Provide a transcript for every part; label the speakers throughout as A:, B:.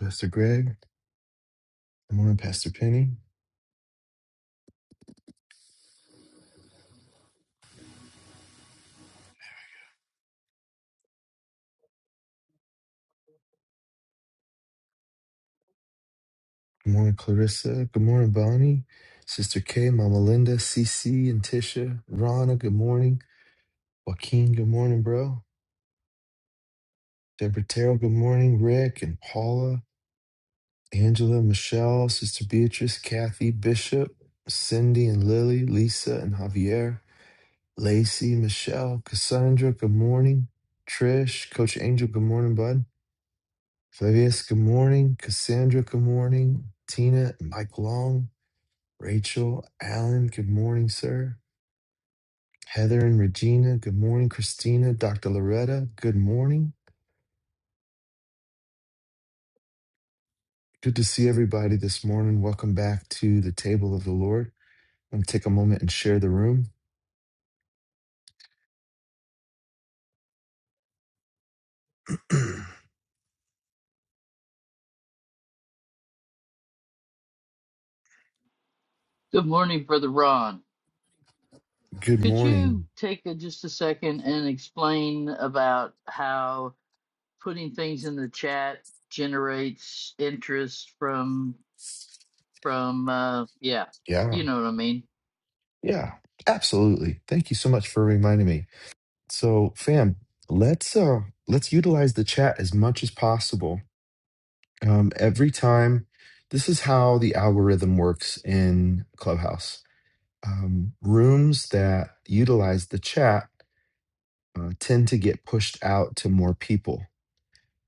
A: Pastor Greg. Good morning, Pastor Penny. Good morning, Clarissa. Good morning, Bonnie. Sister Kay, Mama Linda, CC, and Tisha. Rana, good morning. Joaquin, good morning, bro. Deborah Terrell, good morning. Rick and Paula, Angela, Michelle, Sister Beatrice, Kathy, Bishop, Cindy and Lily, Lisa and Javier, Lacey, Michelle, Cassandra, good morning. Trish, Coach Angel, good morning, bud. Flavius, good morning. Cassandra, good morning. Tina and Mike Long, Rachel, Alan, good morning, sir. Heather and Regina, good morning. Christina, Dr. Loretta, good morning. Good to see everybody this morning. Welcome back to the table of the Lord. I'm going to take a moment and share the room.
B: Good morning, Brother Ron.
A: good
B: Could
A: morning.
B: you take a, just a second and explain about how putting things in the chat generates interest from from uh yeah,
A: Yeah,
B: you know what I mean?
A: yeah, absolutely. Thank you so much for reminding me. So, fam, let's uh let's utilize the chat as much as possible. Um, every time, this is how the algorithm works in Clubhouse um, rooms that utilize the chat uh, tend to get pushed out to more people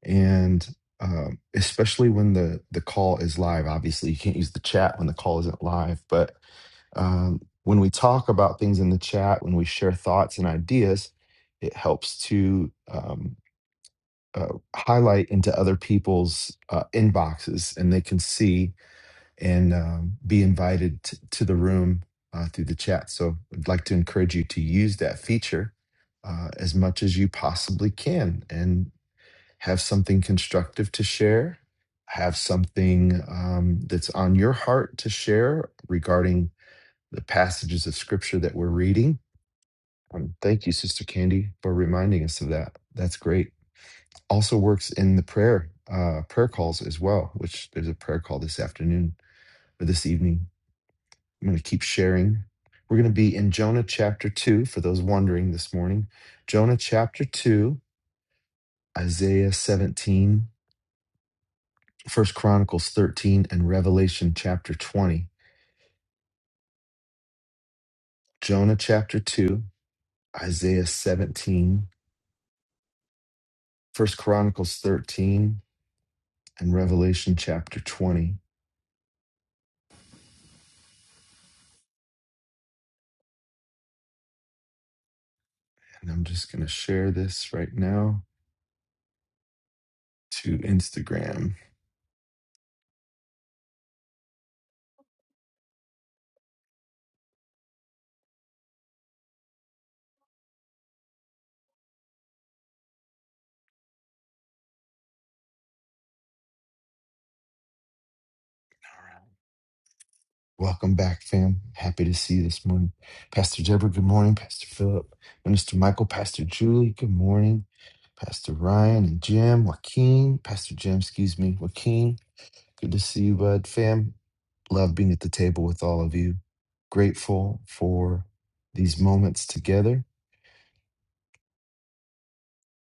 A: and um, especially when the the call is live obviously you can't use the chat when the call isn't live but um, when we talk about things in the chat when we share thoughts and ideas it helps to um, uh, highlight into other people's uh, inboxes and they can see and um, be invited t- to the room uh, through the chat. So I'd like to encourage you to use that feature uh, as much as you possibly can and have something constructive to share, have something um, that's on your heart to share regarding the passages of scripture that we're reading. Um, thank you, Sister Candy, for reminding us of that. That's great. Also works in the prayer uh, prayer calls as well, which there's a prayer call this afternoon or this evening I'm going to keep sharing. We're going to be in Jonah chapter 2 for those wondering this morning. Jonah chapter 2, Isaiah 17, First Chronicles 13, and Revelation chapter 20. Jonah chapter 2, Isaiah 17, First Chronicles 13, and Revelation chapter 20. And I'm just going to share this right now to Instagram. All right. Welcome back, fam. Happy to see you this morning. Pastor Deborah, good morning. Pastor Philip, Minister Michael, Pastor Julie, good morning. Pastor Ryan and Jim, Joaquin, Pastor Jim, excuse me, Joaquin, good to see you, bud. Fam, love being at the table with all of you. Grateful for these moments together.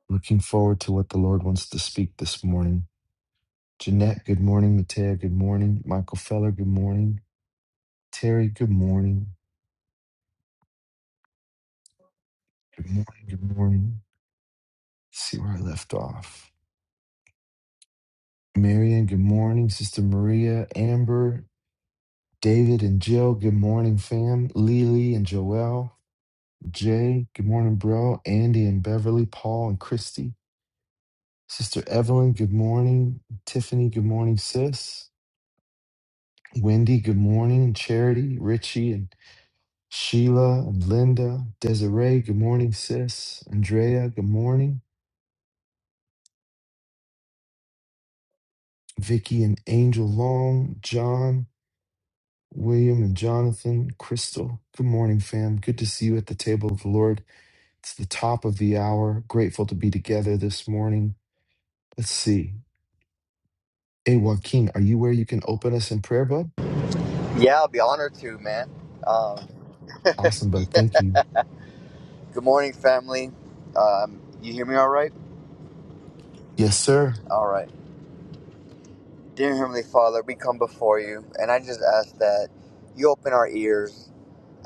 A: Looking forward to what the Lord wants to speak this morning. Jeanette, good morning. Matea, good morning. Michael Feller, good morning. Terry, good morning. Good morning. Good morning. see where I left off. Marion, good morning. Sister Maria, Amber, David, and Jill, good morning, fam. Lily and Joelle, Jay, good morning, bro. Andy and Beverly, Paul and Christy. Sister Evelyn, good morning. Tiffany, good morning, sis. Wendy, good morning. Charity, Richie, and Sheila and Linda. Desiree, good morning, sis. Andrea, good morning. Vicky and Angel Long, John, William and Jonathan, Crystal. Good morning, fam. Good to see you at the table of the Lord. It's the top of the hour. Grateful to be together this morning. Let's see. Hey, Joaquin, are you where you can open us in prayer, bud?
C: Yeah, I'll be honored to, man. Um,
A: Awesome, bud.
C: yeah.
A: Thank you.
C: Good morning, family. Um, you hear me all right?
A: Yes, sir.
C: All right. Dear Heavenly Father, we come before you, and I just ask that you open our ears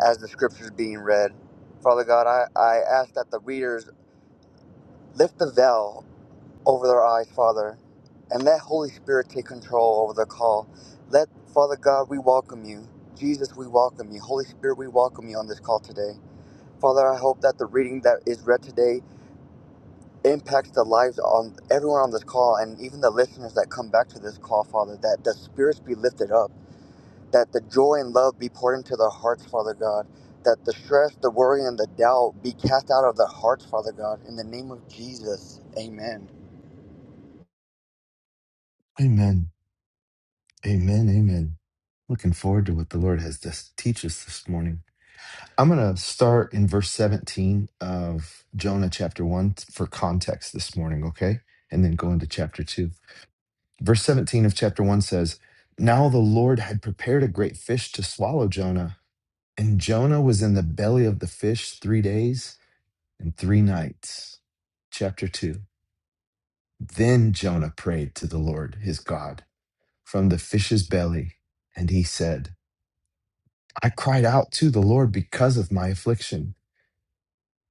C: as the scriptures being read. Father God, I, I ask that the readers lift the veil over their eyes, Father, and let Holy Spirit take control over the call. Let, Father God, we welcome you. Jesus, we welcome you. Holy Spirit, we welcome you on this call today. Father, I hope that the reading that is read today impact the lives on everyone on this call and even the listeners that come back to this call, Father, that the spirits be lifted up, that the joy and love be poured into their hearts, Father God, that the stress, the worry, and the doubt be cast out of their hearts, Father God, in the name of Jesus. Amen.
A: Amen. Amen. Amen. Looking forward to what the Lord has to teach us this morning. I'm going to start in verse 17 of Jonah chapter 1 for context this morning, okay? And then go into chapter 2. Verse 17 of chapter 1 says, Now the Lord had prepared a great fish to swallow Jonah, and Jonah was in the belly of the fish three days and three nights. Chapter 2 Then Jonah prayed to the Lord his God from the fish's belly, and he said, I cried out to the Lord because of my affliction,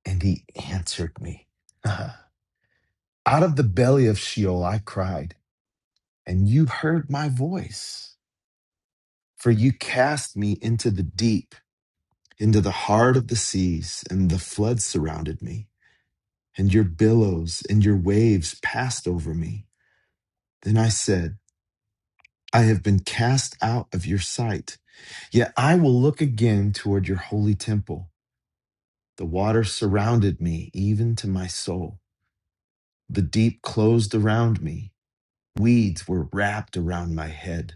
A: and he answered me. out of the belly of Sheol I cried, and you heard my voice, for you cast me into the deep into the heart of the seas, and the flood surrounded me, and your billows and your waves passed over me. Then I said, I have been cast out of your sight, yet I will look again toward your holy temple. The water surrounded me, even to my soul. The deep closed around me. Weeds were wrapped around my head.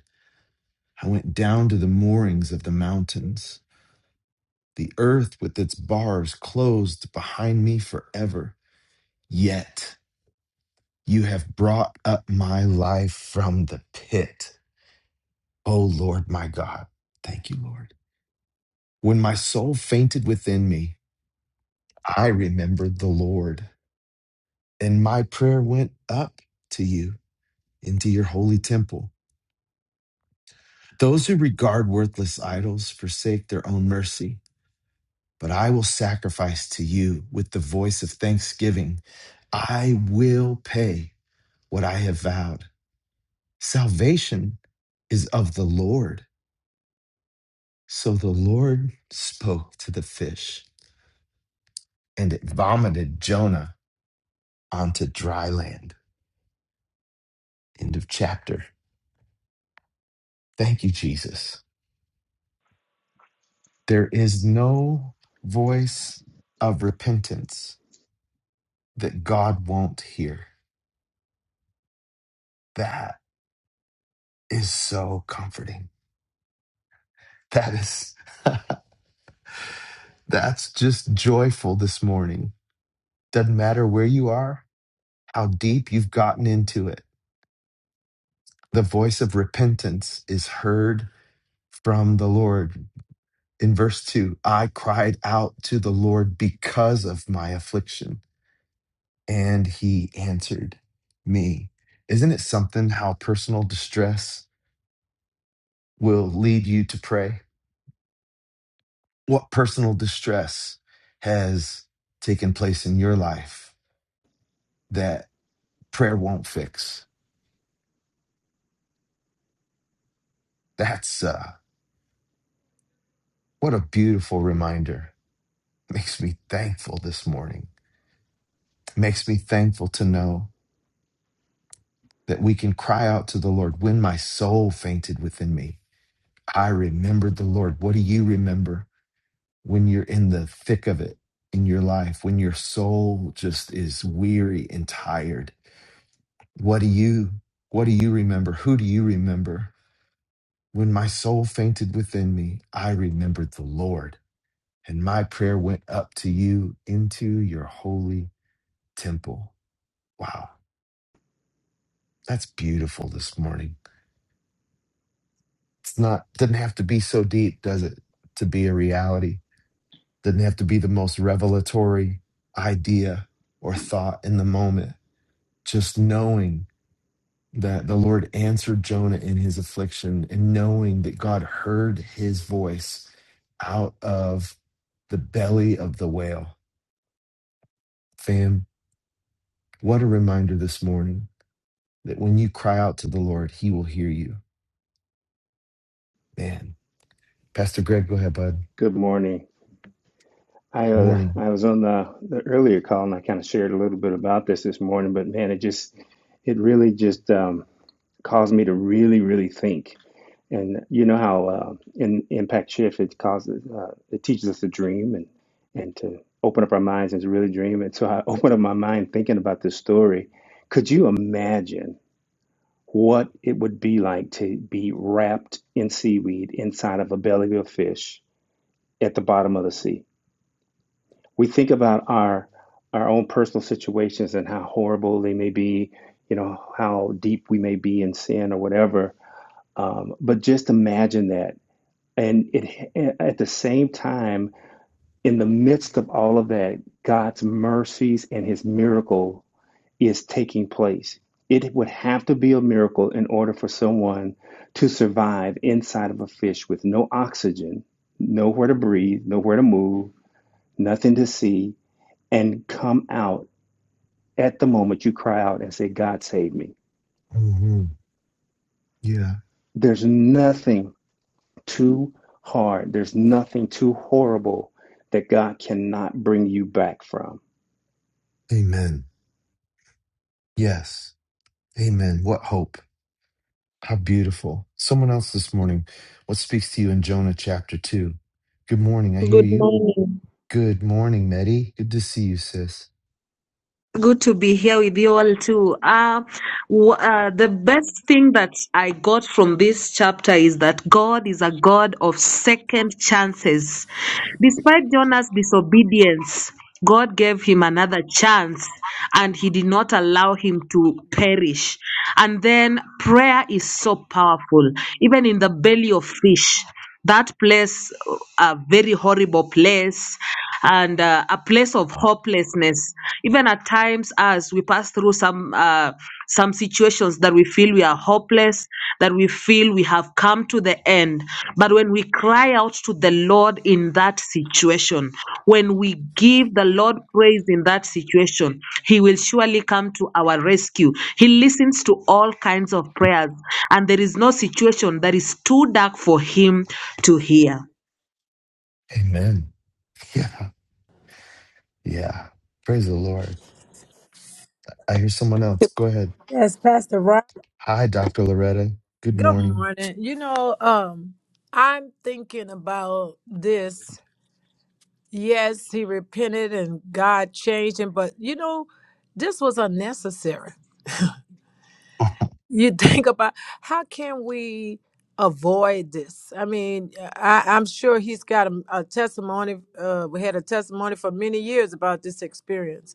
A: I went down to the moorings of the mountains. The earth with its bars closed behind me forever. Yet. You have brought up my life from the pit. O Lord my God. Thank you, Lord. When my soul fainted within me, I remembered the Lord, and my prayer went up to you into your holy temple. Those who regard worthless idols forsake their own mercy, but I will sacrifice to you with the voice of thanksgiving. I will pay what I have vowed. Salvation is of the Lord. So the Lord spoke to the fish, and it vomited Jonah onto dry land. End of chapter. Thank you, Jesus. There is no voice of repentance that God won't hear. That is so comforting. That is, that's just joyful this morning. Doesn't matter where you are, how deep you've gotten into it. The voice of repentance is heard from the Lord in verse 2 I cried out to the Lord because of my affliction, and he answered me. Isn't it something how personal distress will lead you to pray? What personal distress has taken place in your life that prayer won't fix? That's uh, what a beautiful reminder. Makes me thankful this morning. Makes me thankful to know that we can cry out to the Lord when my soul fainted within me I remembered the Lord. What do you remember when you're in the thick of it in your life, when your soul just is weary and tired? What do you what do you remember? Who do you remember? When my soul fainted within me, I remembered the Lord, and my prayer went up to you into your holy temple. Wow, that's beautiful this morning. It's not doesn't have to be so deep, does it, to be a reality? Doesn't have to be the most revelatory idea or thought in the moment. Just knowing that the Lord answered Jonah in his affliction and knowing that God heard his voice out of the belly of the whale. Fam, what a reminder this morning that when you cry out to the Lord, he will hear you. Man, Pastor Greg, go ahead, bud.
D: Good morning. I
A: Good
D: uh,
A: morning.
D: I was on the, the earlier call and I kind of shared a little bit about this this morning, but man, it just it really just um, caused me to really really think. And you know how uh, in Impact Shift it causes uh, it teaches us to dream and and to open up our minds and to really dream. And so I opened up my mind thinking about this story. Could you imagine what it would be like to be wrapped in seaweed inside of a belly of a fish at the bottom of the sea? we think about our our own personal situations and how horrible they may be, you know, how deep we may be in sin or whatever. Um, but just imagine that, and it at the same time, in the midst of all of that, God's mercies and His miracle is taking place. It would have to be a miracle in order for someone to survive inside of a fish with no oxygen, nowhere to breathe, nowhere to move, nothing to see, and come out at the moment you cry out and say, God save me.
A: hmm Yeah.
D: There's nothing too hard, there's nothing too horrible that God cannot bring you back from.
A: Amen. Yes. Amen. What hope. How beautiful. Someone else this morning. What speaks to you in Jonah chapter 2? Good morning. I hear
E: Good
A: you.
E: morning.
A: Good morning, Meddy. Good to see you, sis.
E: Good to be here with you all too. Uh, w- uh, the best thing that I got from this chapter is that God is a God of second chances. Despite Jonah's disobedience, God gave him another chance and he did not allow him to perish. And then prayer is so powerful, even in the belly of fish. that place uh, a very horrible place and uh, a place of hopelessness even at times as we pass through some uh, some situations that we feel we are hopeless that we feel we have come to the end but when we cry out to the Lord in that situation, when we give the Lord praise in that situation, He will surely come to our rescue. He listens to all kinds of prayers, and there is no situation that is too dark for Him to hear.
A: Amen. Yeah. Yeah. Praise the Lord. I hear someone else. Go ahead.
F: Yes, Pastor Ron.
A: Hi, Dr. Loretta. Good
F: Good
A: morning.
F: morning. You know, um, I'm thinking about this. Yes, he repented and God changed him, but you know, this was unnecessary. You think about how can we avoid this? I mean, I, I'm sure he's got a, a testimony. Uh, we had a testimony for many years about this experience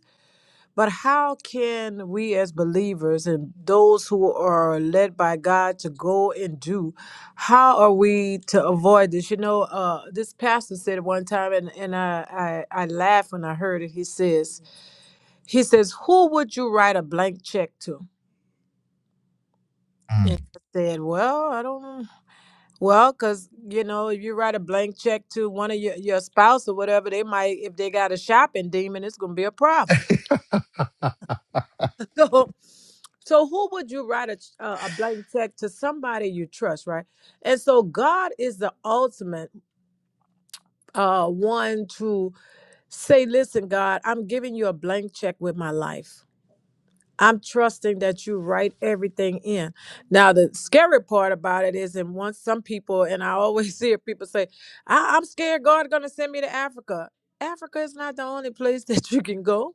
F: But how can we as believers and those who are led by God to go and do, how are we to avoid this? You know, uh, this pastor said one time, and, and I, I, I laughed when I heard it. He says, he says, who would you write a blank check to? And
A: Mm.
F: I said, well, I don't, well, because, you know, if you write a blank check to one of your, your spouse or whatever, they might, if they got a shopping demon, it's going to be a problem. So, so who would you write a ch- uh, a blank check to somebody you trust, right? And so God is the ultimate uh, one to say, "Listen, God, I'm giving you a blank check with my life. I'm trusting that you write everything in." Now, the scary part about it is, and once some people, and I always hear people say, I- "I'm scared God, going to send me to Africa." Africa is not the only place that you can go.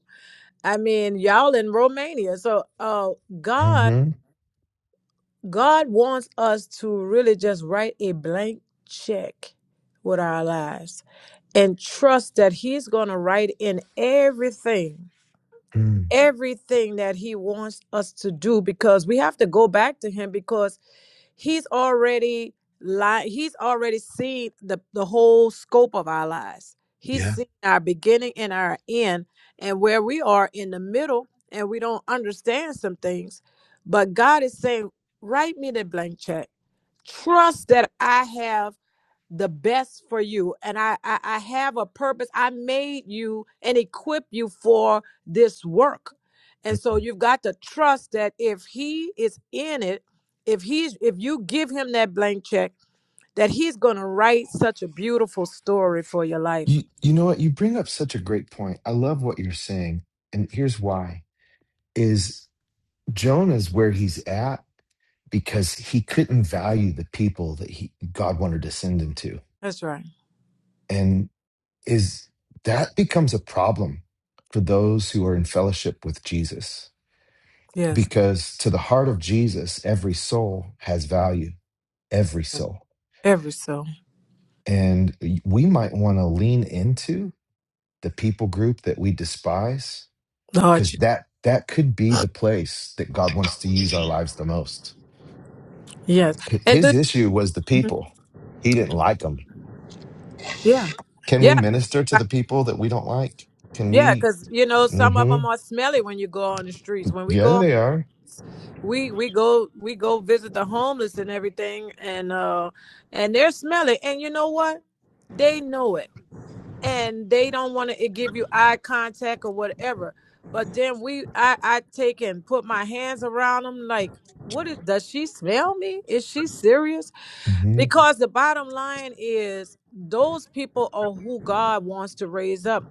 F: I mean, y'all in Romania, so uh, God.
A: Mhm.
F: God wants us to really just write a blank check with our lives and trust that He's going to write in everything,
A: Mm.
F: everything that He wants us to do because we have to go back to Him because He's already. Li- he's already seen the, the whole scope of our lives. He's
A: Yeah.
F: seen our beginning and our end, and where we are in the middle, and we don't understand some things. But God is saying, Write me the blank check trust that I have the best for you and I, I I have a purpose. I made you and equip you for this work. And so
A: Mm.
F: you've got to trust that if he is in it, if he's if you give him that blank check, that he's gonna write such a beautiful story for your life.
A: You you know what? You bring up such a great point. I love what you're saying. And here's why is Jonah's where he's at because he couldn't value the people that he God wanted to send him to.
F: That's right.
A: And is that becomes a problem for those who are in fellowship with Jesus.
F: Yes.
A: Because to the heart of Jesus, every soul has value. Every soul.
F: Every so.
A: And y- we might want to lean into the people group that we despise
F: Lord,
A: because
F: you-
A: that that could be the place that God wants to use our lives the most.
F: yes.
A: H-
F: And
A: His
F: do,
A: issue was the
F: Mhm.
A: people. He didn't like them.
F: yeah.
A: Can we
F: Yeah.
A: minister to the people that we don't like? Can
F: Yeah,
A: we?
F: because you know some of
A: hmm
F: them are smelly when you go on the streets. When we
A: Yeah,
F: go,
A: they are.
F: we we go we go visit the homeless and everything, and uh and they're smelly. And you know what? They know it, and they don't want to give you eye contact or whatever. But then we, I I take and put my hands around them. Like, what is? Does she smell me? Is she serious?
A: hmm
F: Because the bottom line is, those people are who God wants to raise up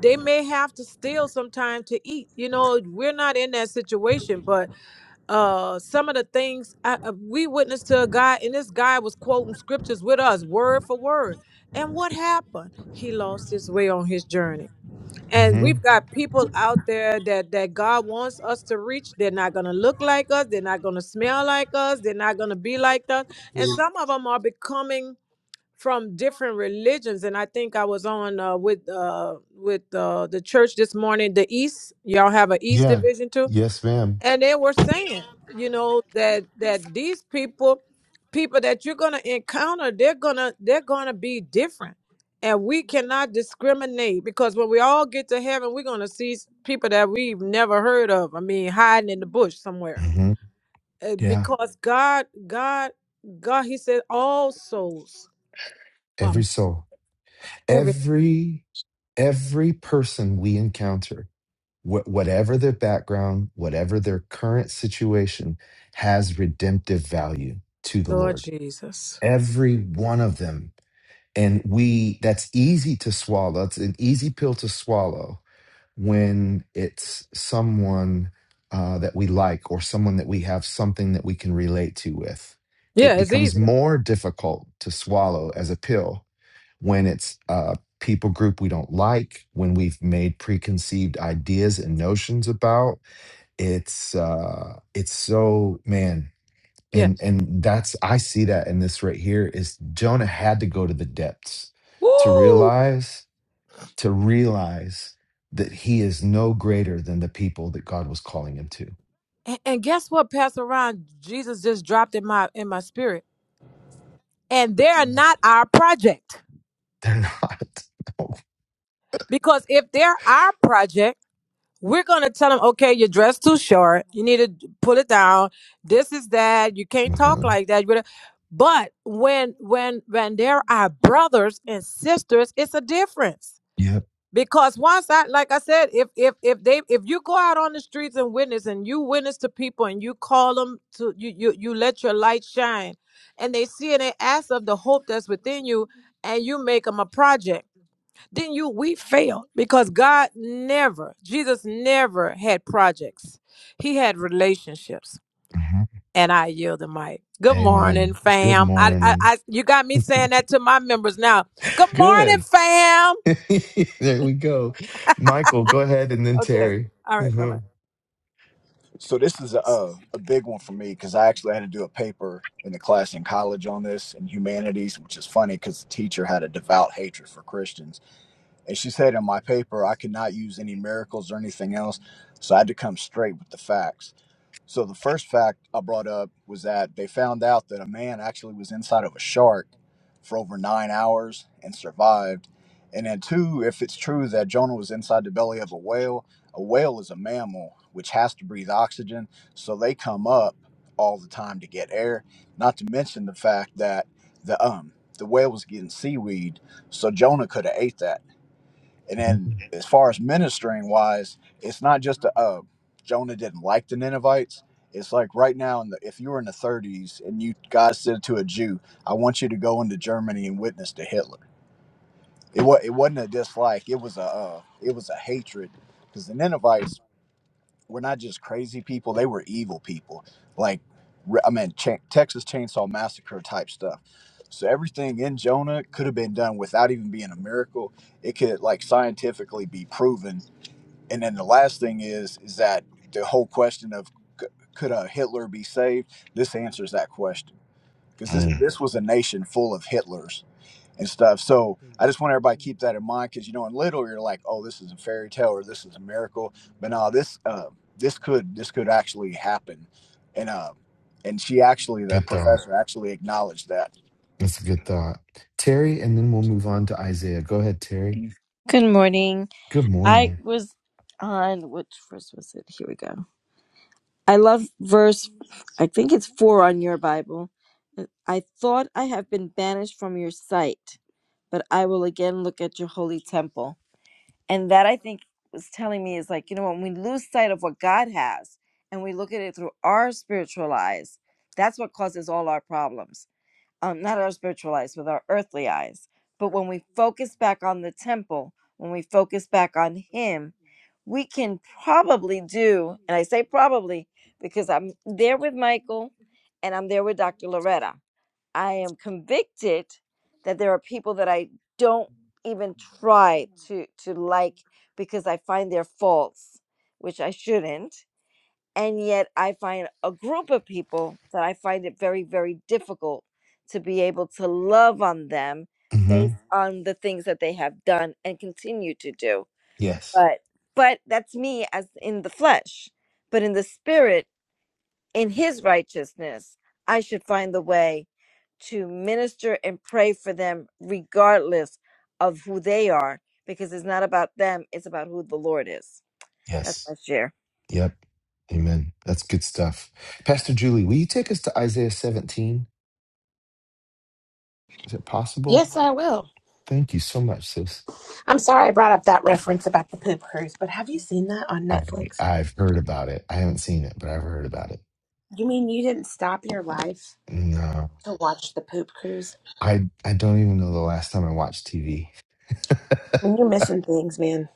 F: they may have to steal sometime to eat you know we're not in that situation but uh some of the things I, uh, we witnessed to a guy and this guy was quoting scriptures with us word for word and what happened he lost his way on his journey and
A: hmm
F: we've got people out there that that god wants us to reach they're not going to look like us they're not going to smell like us they're not going to be like us and some of them are becoming from different religions and i think i was on uh, with uh, with uh, the church this morning the east y'all have an east
A: Yeah.
F: division too
A: Yes, madam
F: and they were saying you know that that these people people that you're gonna encounter they're gonna they're gonna be different and we cannot discriminate because when we all get to heaven we're gonna see s- people that we've never heard of i mean hiding in the bush somewhere
A: hmm
F: Uh,
A: Yeah.
F: because god god god he said all souls are
A: Every
F: mine.
A: soul. Every every person we encounter Wh- whatever their background, whatever their current situation, has redemptive value to the
F: Lord
A: Lord.
F: Jesus.
A: Every one of them. And we, that's easy to swallow. It's an easy pill to swallow when it's someone uh, that we like or someone that we have something that we can relate to with.
F: Yeah,
A: It
F: it's
A: becomes
F: easier.
A: more difficult to swallow as a pill when it's a people group we don't like, when we've made preconceived ideas and notions about. It's uh it's so man,
F: Yeah.
A: and and that's I see that in this right here is Jonah had to go to the depths to
F: Woo!
A: realize to realize that he is no greater than the people that God was calling him to.
F: And, and guess what, Pastor Ron? Jesus just dropped in my in my spirit. And they're
G: Mm.
F: not our project.
A: They're not.
F: Because if they're our project, we're gonna tell them, okay, your dress too short. You need to pull it down. This is that. You can't
A: No.
F: talk
A: Mhm.
F: like that. You better- But when when when they're our brothers and sisters, it's a difference.
A: Yep.
F: because once I like I said, if if if they if you go out on the streets and witness and you witness to people and you call them to you you you let your light shine, and they see and they ask of the hope that's within you, and you make them a project, then you we fail because God never Jesus never had projects, he had relationships,
A: Mhm.
F: and I yield the mic. Good morning,
A: Amen. Good
F: fam. I, I
A: morning.
F: I you got me saying that to my members now. Good morning,
A: Good.
F: fam.
A: there we go. Michael, go ahead and then
F: Okay.
A: Terry.
F: All right. Bye bye.
A: Mhm.
H: So this is a uh, a big one for me because I actually had to do a paper in the class in college on this in humanities, which is funny because the teacher had a devout hatred for Christians, and she said in my paper I could not use any miracles or anything else, so I had to come straight with the facts. So the first fact I brought up was that they found out that a man actually was inside of a shark for over nine hours and survived. And then two, if it's true that Jonah was inside the belly of a whale, a whale is a mammal which has to breathe oxygen, so they come up all the time to get air. Not to mention the fact that the um the whale was getting seaweed, so Jonah could have ate that. And
A: Mhm.
H: then, as far as ministering wise, it's not just a, uh, Jonah didn't like the Ninevites. It's like right now, in the, if you were in the 30s and you God said to a Jew, "I want you to go into Germany and witness to Hitler." It was it wasn't a dislike. It was a uh, it was a hatred because the Ninevites were not just crazy people; they were evil people. Like re- I mean, cha- Texas Chainsaw Massacre type stuff. So everything in Jonah could have been done without even being a miracle. It could like scientifically be proven and then the last thing is is that the whole question of c- could a Hitler be saved? This answers that question because this
A: Mm.
H: this was a nation full of Hitlers and stuff. So I just want everybody to keep that in mind because you know in little you're like, oh, this is a fairy tale or this is a miracle, but no, this uh, this could this could actually happen, and uh, and she actually the
A: Good thought.
H: professor actually acknowledged that.
A: That's a good thought. Terry, and then we'll move on to Isaiah. Go ahead, Terry.
I: Good morning.
A: Good
I: I
A: morning.
I: was on which verse was it? Here we go. I love verse, I think it's four on your Bible. I thought I have been banished from your sight, but I will again look at your holy temple. And that I think was telling me is like, you know, when we lose sight of what God has and we look at it through our spiritual eyes, that's what causes all our problems um, not our spiritual eyes, with our earthly eyes. But when we focus back on the temple, when we focus back on Him, we can probably do, and I say probably because I'm there with Michael and I'm there with Dr. Loretta. I am convicted that there are people that I don't even try to to like because I find their faults, which I shouldn't and yet I find a group of people that I find it very, very difficult to be able to love on them
A: hmm
I: based Mhm. on the things that they have done and continue to do.
A: Yes.
I: But but that's me as in the flesh. But in the spirit, in his righteousness, I should find the way to minister and pray for them regardless of who they are, because it's not about them, it's about who the Lord is. That's my
A: Yes.
I: share.
A: Yep. Amen. That's good stuff. Pastor Julie, will you take us to Isaiah 17? Is it possible?
J: Yes, I will.
A: Thank you so much, sis.
J: I'm sorry I brought up that reference about the poop cruise, but have you seen that on
A: I,
J: Netflix?
A: I've heard about it. I haven't seen it, but I've heard about it.
J: You mean you didn't stop your life
A: No.
J: to watch the poop cruise?
A: I I don't even know the last time I watched TV.
J: I you're missing things, man.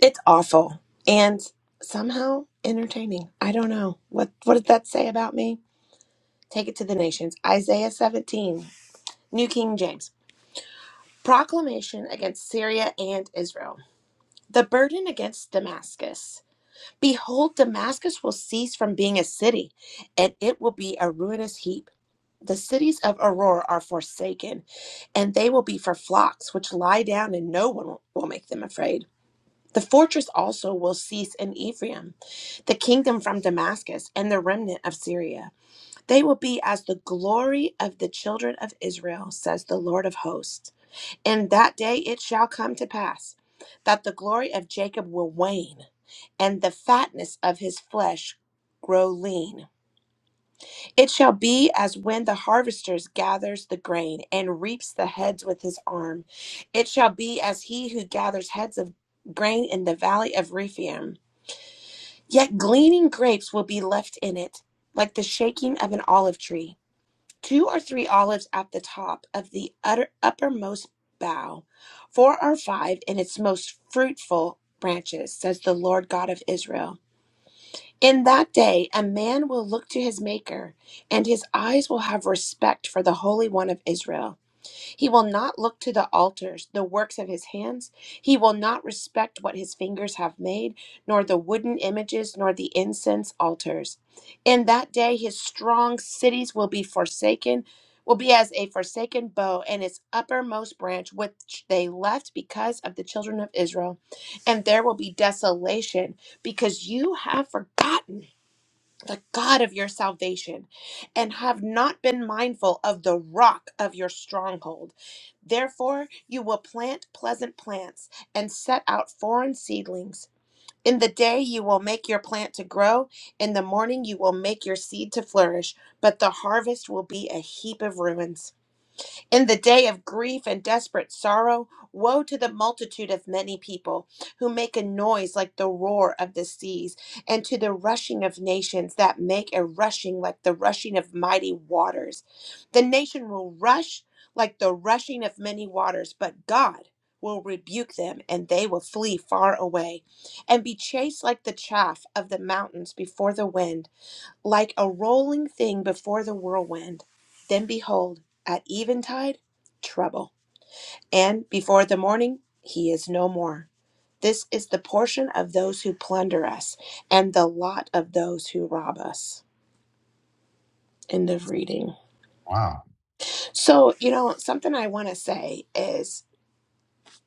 J: It's awful and somehow entertaining. I don't know. What what did that say about me? Take it to the nations. Isaiah 17, New King James. Proclamation against Syria and Israel. The burden against Damascus. Behold, Damascus will cease from being a city, and it will be a ruinous heap. The cities of Aurora are forsaken, and they will be for flocks which lie down, and no one will make them afraid. The fortress also will cease in Ephraim, the kingdom from Damascus, and the remnant of Syria. They will be as the glory of the children of Israel, says the Lord of hosts. In that day it shall come to pass that the glory of Jacob will wane, and the fatness of his flesh grow lean. It shall be as when the harvesters gathers the grain and reaps the heads with his arm. It shall be as he who gathers heads of grain in the valley of Rephaim. Yet gleaning grapes will be left in it, like the shaking of an olive tree. Two or three olives at the top of the utter, uppermost bough, four or five in its most fruitful branches, says the Lord God of Israel. In that day, a man will look to his Maker, and his eyes will have respect for the Holy One of Israel. He will not look to the altars, the works of his hands. He will not respect what his fingers have made, nor the wooden images, nor the incense altars. In that day, his strong cities will be forsaken, will be as a forsaken bow, and its uppermost branch, which they left because of the children of Israel. And there will be desolation because you have forgotten the God of your salvation, and have not been mindful of the rock of your stronghold. Therefore, you will plant pleasant plants and set out foreign seedlings. In the day you will make your plant to grow, in the morning you will make your seed to flourish, but the harvest will be a heap of ruins. In the day of grief and desperate sorrow, woe to the multitude of many people who make a noise like the roar of the seas, and to the rushing of nations that make a rushing like the rushing of mighty waters. The nation will rush like the rushing of many waters, but God will rebuke them, and they will flee far away, and be chased like the chaff of the mountains before the wind like a rolling thing before the whirlwind. Then behold, at eventide, trouble. And before the morning, he is no more. This is the portion of those who plunder us, and the lot of those who rob us. End of reading.
A: Wow.
J: So, you know, something I want to say is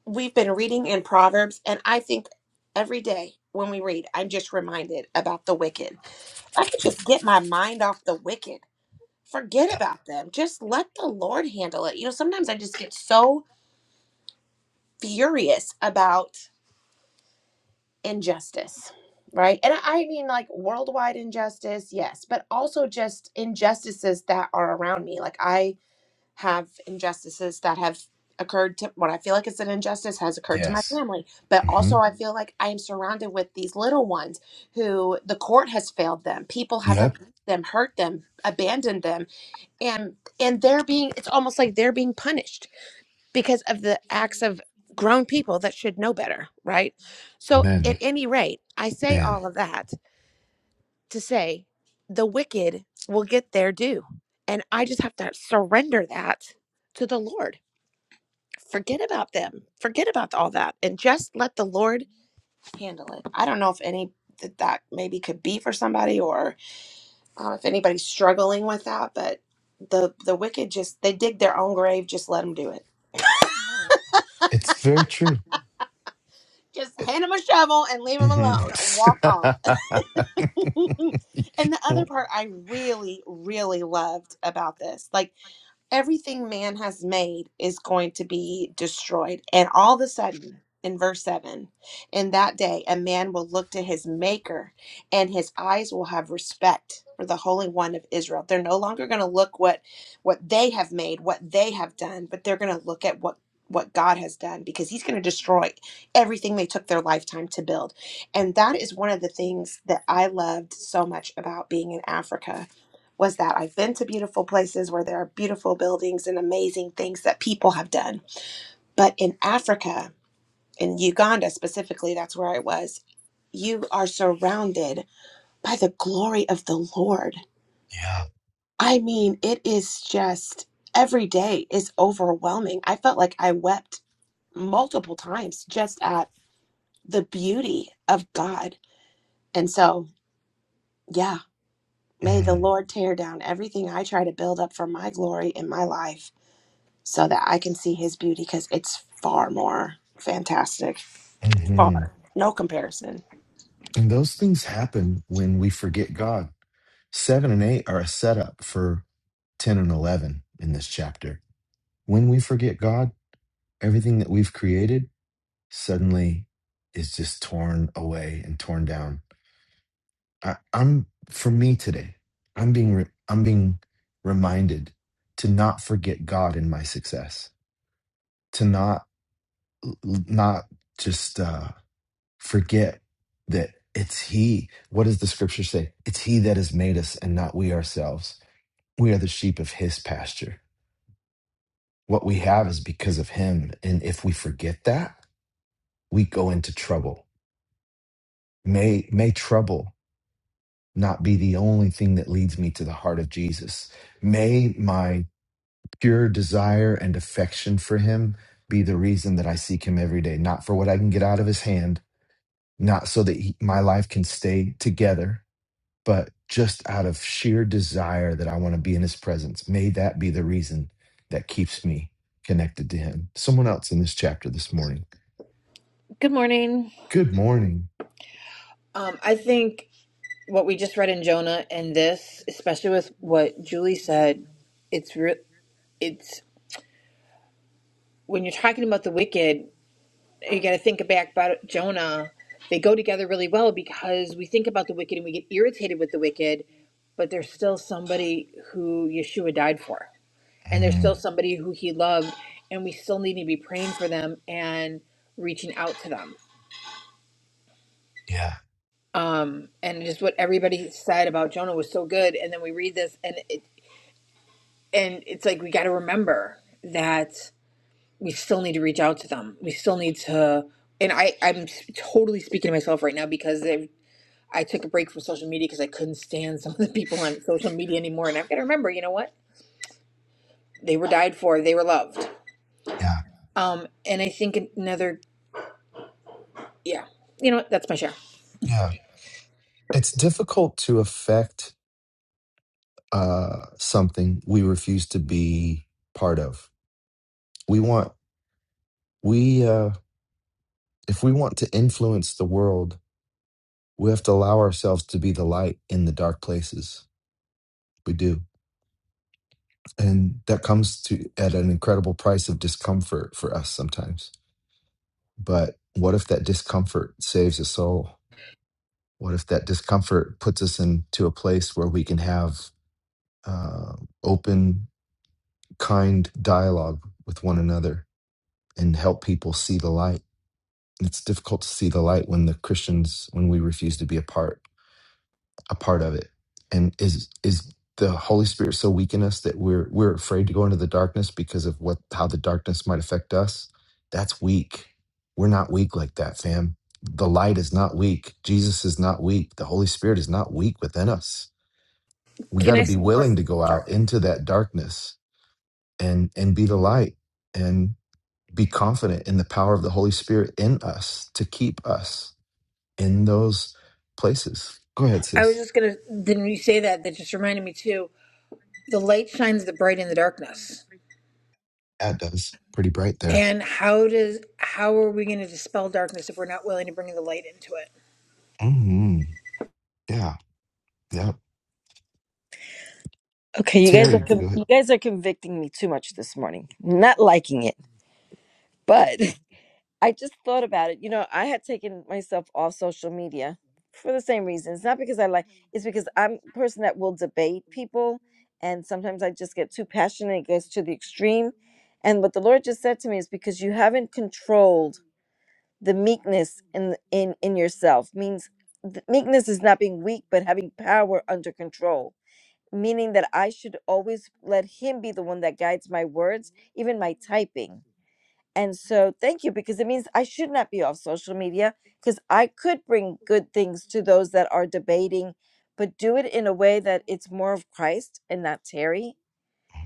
J: we've been reading in Proverbs, and I think every day when we read, I'm just reminded about the wicked. I could just get my mind off the wicked forget
A: Yeah.
J: about them. Just let the Lord handle it. You know, sometimes I just get so furious about injustice, right? And I I mean, like worldwide injustice, yes, but also just injustices that are around me. Like, I have injustices that have occurred to what I feel like is an injustice has occurred to my
A: Yes.
J: family, but
A: hmm
J: also I feel like I am surrounded with these little ones who the court has failed them, people have
A: Yep.
J: abused them, hurt them, abandoned them and and they're being it's almost like they're being punished because of the acts of grown people that should know better right so
A: Amen.
J: at any rate i say
A: Man.
J: all of that to say the wicked will get their due and i just have to surrender that to the lord forget about them forget about all that and just let the lord handle it i don't know if any that that maybe could be for somebody or uh, if anybody's struggling with that. But the the wicked just they dig their own grave. Just let them do it.
A: It's very true.
J: Just hand them a shovel and leave them
A: hmm
J: alone. Walk on. and the other
A: Well,
J: part I really really loved about this, like. everything man has made is going to be destroyed. And all of a sudden, in verse 7, in that day, a man will look to his maker and his eyes will have respect for the Holy One of Israel. They're no longer going to look what what they have made, what they have done, but they're going to look at what what God has done because he's going to destroy everything they took their lifetime to build. And that is one of the things that I loved so much about being in Africa was that I've been to beautiful places where there are beautiful buildings and amazing things that people have done. But in Africa, in Uganda specifically, that's where I was, you are surrounded by the glory of the Lord.
A: Yeah.
J: I mean, it is just every day is overwhelming. I felt like I wept multiple times just at the beauty of God. And so, yeah, may the Lord tear down everything I try to build up for my glory in my life so that I can see his beauty because it's far more fantastic.
A: hmm And
J: Far. No comparison.
A: those things happen when we forget God. Seven and eight are a setup for 10 and 11 in this chapter. When we forget God, everything that we've created suddenly is just torn away and torn down. I, I'm for me today. I'm being re- I'm being reminded to not forget God in my success. To not not just uh, forget that it's He. What does the Scripture say? It's He that has made us, and not we ourselves. We are the sheep of His pasture. What we have is because of Him, and if we forget that, we go into trouble. May may trouble not be the only thing that leads me to the heart of Jesus. May my pure desire and affection for him be the reason that I seek him every day, not for what I can get out of his hand, not so that he, my life can stay together, but just out of sheer desire that I want to be in his presence. May that be the reason that keeps me connected to him. Someone else in this chapter this morning.
K: Good morning.
A: Good morning.
K: Um, I think what we just read in Jonah and this, especially with what Julie said, it's re- it's when you're talking about kid, you got to think back about Jonah. They go together really well because we think about the wicked and we get irritated with the wicked, but there's still somebody who Yeshua died for, and there's still
A: Mhm.
K: somebody who he loved, and we still need to be praying for them and reaching out to them.
A: Yeah,
K: Um, and just what everybody said about Jonah was so good. And then we read this, and it. and it's like we got to remember that we still need to reach out to them. We still need to, and I I'm totally speaking to myself right now because I I took a break from social media because I couldn't stand some of the people on social media anymore, and I've got to remember, you know what? They were died for. They were loved.
A: yeah,
K: Um, and I think another, yeah, you know what? That's my share.
A: yeah. It's difficult to affect uh, something we refuse to be part of. We want we uh, If we want to influence the world, we have to allow ourselves to be the light in the dark places. We do. And that comes to at an incredible price of discomfort for us sometimes. But what if that discomfort saves a soul? What if that discomfort puts us into a place where we can have uh, open, kind dialogue with one another and help people see the light? It's difficult to see the light when the Christians, when we refuse to be a part a part of it and is is the holy spirit so weak in us that we're we're afraid to go into the darkness because of what how the darkness might affect us that's weak we're not weak like that fam the light is not weak jesus is not weak the holy spirit is not weak within us we
K: Can
A: got to
K: I
A: be
K: say one more?
A: willing to go
K: Sorry,
A: out into that darkness and and be the light and be confident in the power of the holy spirit in us to keep us in those places go ahead
K: I was
A: sis
K: just gonna. Then you say that that just reminded me too. The light shines the bright in the darkness
A: that does pretty bright there
K: And how does how are we going to dispel darkness if we're not willing to bring the light into it?
A: hmm Yeah. Yep.
I: Okay, you guys are
A: Terry, go
I: con- you
A: ahead.
I: guys are convicting me too much this morning. Not liking it, but I just thought about it. You know, I had taken myself off social media for the same reason. It's not because I like; it's because I'm a person that will debate people, and sometimes I just get too passionate. It gets to the extreme, and what the Lord just said to me is because you haven't controlled the meekness in in in yourself means th- meekness is not being weak, but having power under control meaning that I should always let him be the one that guides my words, even my typing. And so, thank you, because it means I should not be off social media because I could bring good things to those that are debating, but do it in a way that it's more of Christ and not Terry.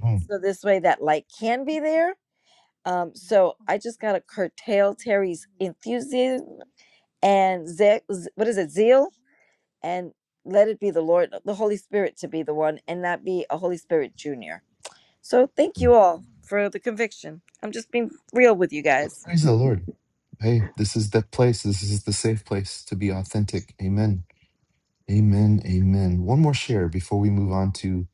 A: Mhm.
I: So, this way that light can be there. Um, so, I just got to curtail Terry's enthusiasm and ze- z- what is it, zeal, and let it be the Lord, the Holy Spirit to be the one and not be a Holy Spirit junior. So thank you all for the conviction. I'm just being real with you guys.
A: Praise the Lord. Hey, this is the place. This is the safe place to be authentic. Amen. Amen. Amen. One more share before we move on to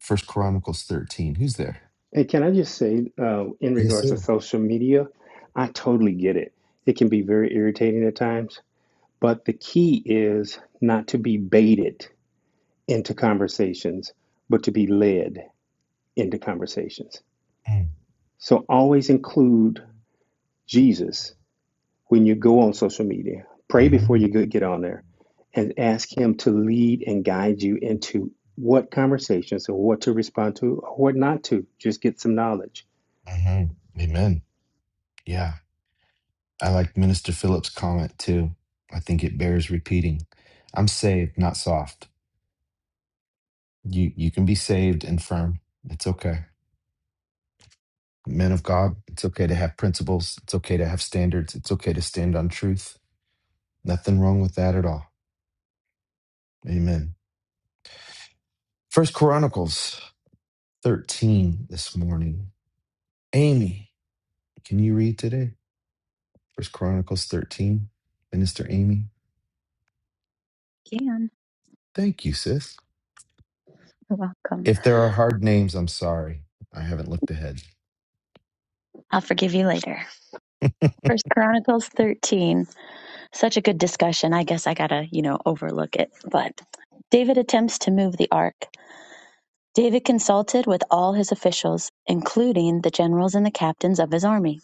A: First Chronicles 13. Who's there?
D: And can I just say, uh, in
A: Yes,
D: regards to
A: sir.
D: social media, I totally get it. It can be very irritating at times, but the key is not to be baited into conversations, but to be led into conversations. So always include Jesus when you go on social media. Pray before you
A: Mm,
D: go- get on
A: mhm.
D: there and ask Him to lead and guide you into what conversations or what to respond to or what not to. Just get some knowledge.
A: hmm Amen. Yeah. I like Minister Phillips' comment too. I think it bears repeating. I'm saved, not soft. You you can be saved and firm. It's okay. Men of God, it's okay to have principles. It's okay to have standards. It's okay to stand on truth. Nothing wrong with that at all. Amen. First Chronicles 13 this morning. Amy. Can you read today? First Chronicles 13, Minister Amy.
L: Can.
A: Thank you, sis.
L: You're welcome.
A: If there are hard names, I'm sorry. I haven't looked ahead.
L: I'll forgive you later. First Chronicles 13. Such a good discussion. I guess I gotta, you know, overlook it. But David attempts to move the ark. David consulted with all his officials, including the generals and the captains of his army.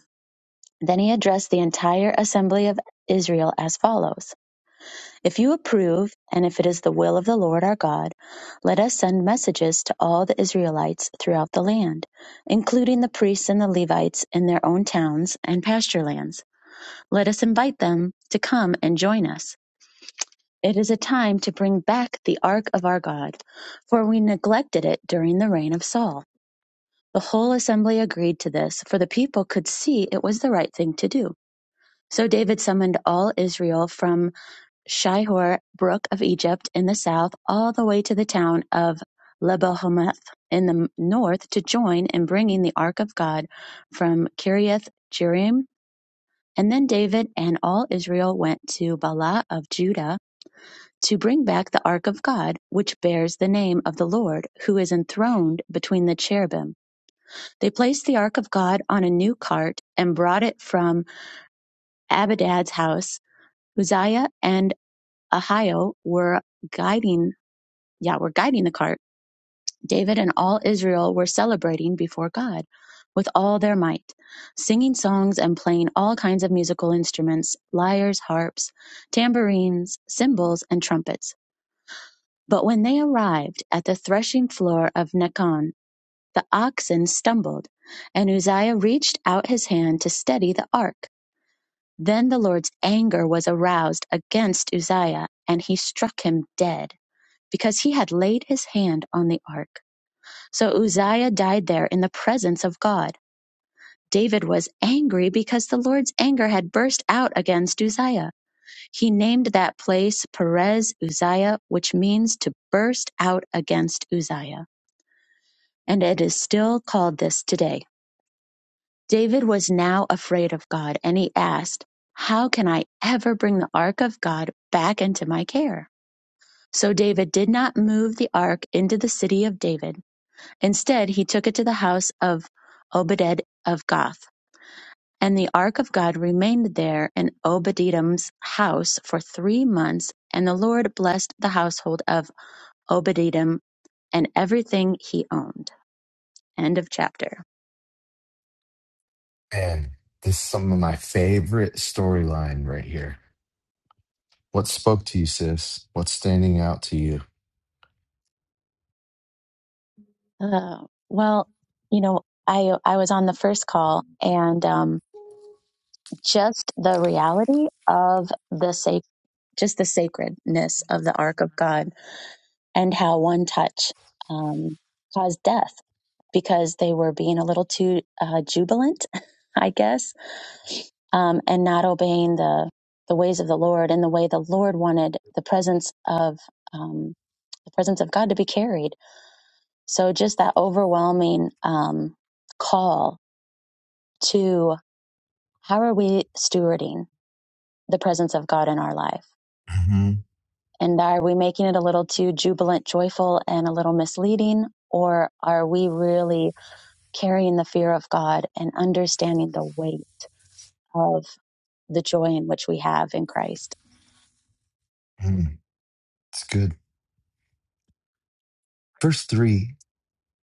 L: Then he addressed the entire assembly of Israel as follows If you approve, and if it is the will of the Lord our God, let us send messages to all the Israelites throughout the land, including the priests and the Levites in their own towns and pasture lands. Let us invite them to come and join us. It is a time to bring back the ark of our God, for we neglected it during the reign of Saul. The whole assembly agreed to this, for the people could see it was the right thing to do. So David summoned all Israel from Shihor Brook of Egypt in the south all the way to the town of Lebohamath in the north to join in bringing the Ark of God from Kiriath Jearim. And then David and all Israel went to Bala of Judah to bring back the Ark of God, which bears the name of the Lord, who is enthroned between the cherubim. They placed the Ark of God on a new cart and brought it from Abadad's house. Uzziah and Ahio were guiding Yah were guiding the cart, David and all Israel were celebrating before God with all their might, singing songs and playing all kinds of musical instruments, lyres, harps, tambourines, cymbals, and trumpets. But when they arrived at the threshing floor of Nacon, the oxen stumbled, and Uzziah reached out his hand to steady the ark. Then the Lord's anger was aroused against Uzziah, and he struck him dead, because he had laid his hand on the ark. So Uzziah died there in the presence of God. David was angry because the Lord's anger had burst out against Uzziah. He named that place Perez Uzziah, which means to burst out against Uzziah. And it is still called this today. David was now afraid of God and he asked, How can I ever bring the ark of God back into my care? So David did not move the ark into the city of David. Instead, he took it to the house of Obed of Goth And the ark of God remained there in Obed-Edom's house for three months, and the Lord blessed the household of Obed-Edom and everything he owned. End of chapter.
A: Man, this is some of my favorite storyline right here. What spoke to you, sis? What's standing out to you?
L: Uh, well, you know, I I was on the first call, and um, just the reality of the sac- just the sacredness of the ark of God and how one touch um, caused death because they were being a little too uh, jubilant, I guess, um, and not obeying the the ways of the Lord and the way the Lord wanted the presence of um, the presence of God to be carried. So just that overwhelming um, call to how are we stewarding the presence of God in our life
A: hmm
L: And are we making it a little too jubilant, joyful, and a little misleading? Or are we really carrying the fear of God and understanding the weight of the joy in which we have in Christ?
A: It's good. Verse three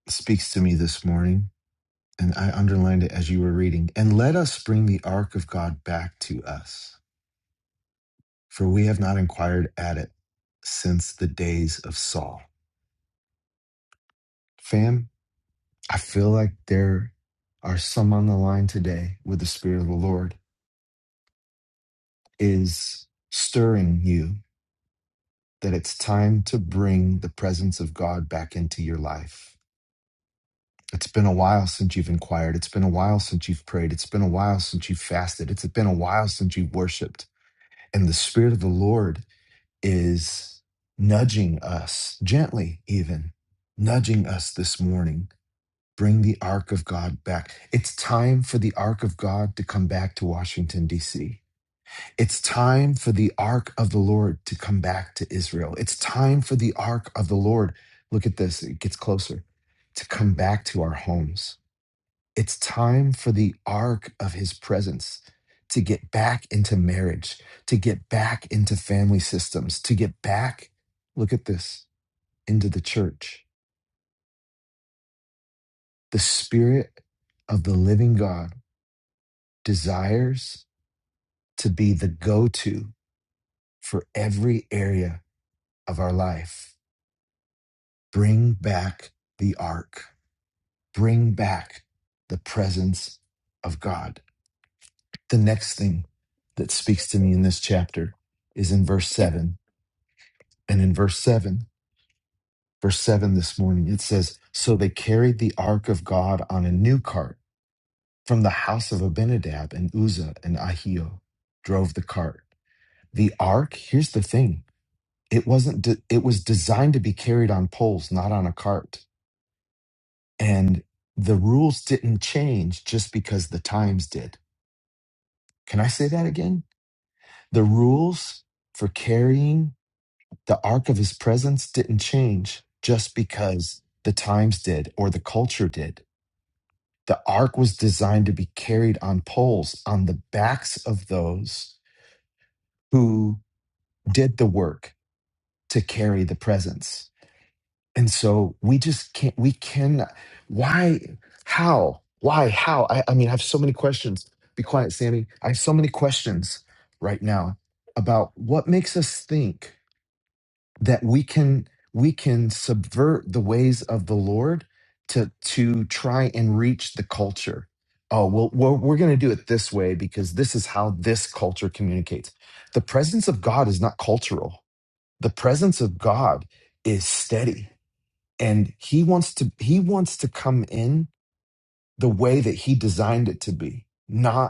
A: speaks to me this morning, and I underlined it as you were reading. And let us bring the ark of God back to us. for we have not inquired at it since the days of Saul. Fam, I feel like there are some on the line today where the Spirit of the Lord is stirring you that it's time to bring the presence of God back into your life. It's been a while since you've inquired. It's been a while since you've prayed. It's been a while since you've fasted. It's been a while since you've worshiped. And the Spirit of the Lord is nudging us gently, even nudging us this morning. Bring the ark of God back. It's time for the ark of God to come back to Washington, D.C. It's time for the ark of the Lord to come back to Israel. It's time for the ark of the Lord. Look at this, it gets closer to come back to our homes it's time for the ark of his presence to get back into marriage, to get back into family systems, to get back, look at this, into the church. The spirit of the living God desires to be the go to for every area of our life. Bring back the ark, bring back the presence of God. The next thing that speaks to me in this chapter is in verse 7 And in verse 7, verse 7 this morning, it says, So they carried the ark of God on a new cart from the house of Abinadab and Uzzah and Ahio, drove the cart. The ark, here's the thing it wasn't, de- it was designed to be carried on poles, not on a cart. And the rules didn't change just because the times did. Can I say that again? The rules for carrying the arc of his presence didn't change just because the times did or the culture did. The ark was designed to be carried on poles on the backs of those who did the work to carry the presence. And so we just can't, we can, why, how, why, how? I, I mean, I have so many questions. Be quiet, Sammy. I have so many questions right now about what makes us think that we can we can subvert the ways of the lord to to try and reach the culture oh well we're, we're going to do it this way because this is how this culture communicates the presence of god is not cultural the presence of god is steady and he wants to he wants to come in the way that he designed it to be not.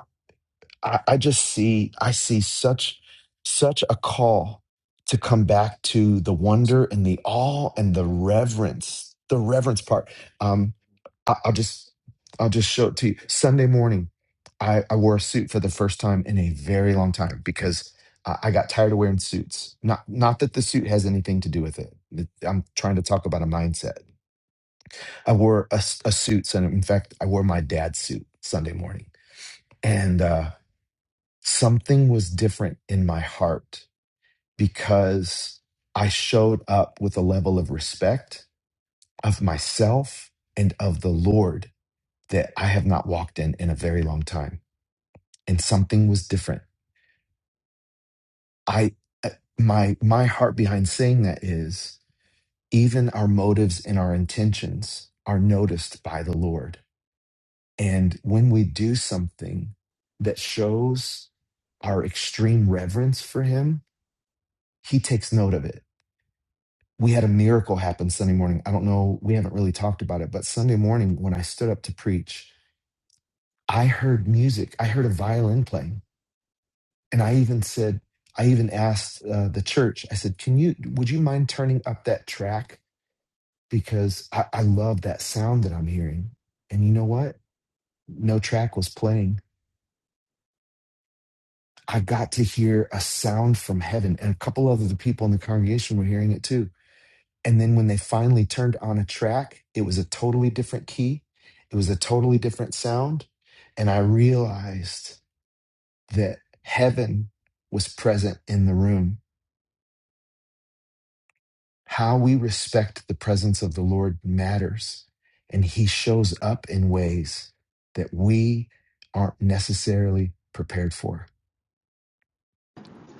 A: I, I just see I see such such a call to come back to the wonder and the awe and the reverence, the reverence part. Um, I, I'll just I'll just show it to you. Sunday morning, I, I wore a suit for the first time in a very long time because I, I got tired of wearing suits. Not not that the suit has anything to do with it. It- I'm trying to talk about a mindset. I wore a, s- a suit, and in fact, I wore my dad's suit Sunday morning, and. uh, something was different in my heart because I showed up with a level of respect of myself and of the Lord that I have not walked in in a very long time. And something was different. I, uh, my, my heart behind saying that is even our motives and our intentions are noticed by the Lord. And when we do something that shows our extreme reverence for Him, He takes note of it we had a miracle happen Sunday morning. I don't know, we haven't really talked about it, but Sunday morning when I stood up to preach, I heard music. I heard a violin playing. And I even said, I even asked uh, the church, I said, can you, would you mind turning up that track? Because I, I love that sound that I'm hearing. And you know what? No track was playing. I got to hear a sound from heaven, and a couple other people in the congregation were hearing it too And then when they finally turned on a track, it was a totally different key. It was a totally different sound. And I realized that heaven was present in the room. How we respect the presence of the Lord matters. And he shows up in ways that we aren't necessarily prepared for.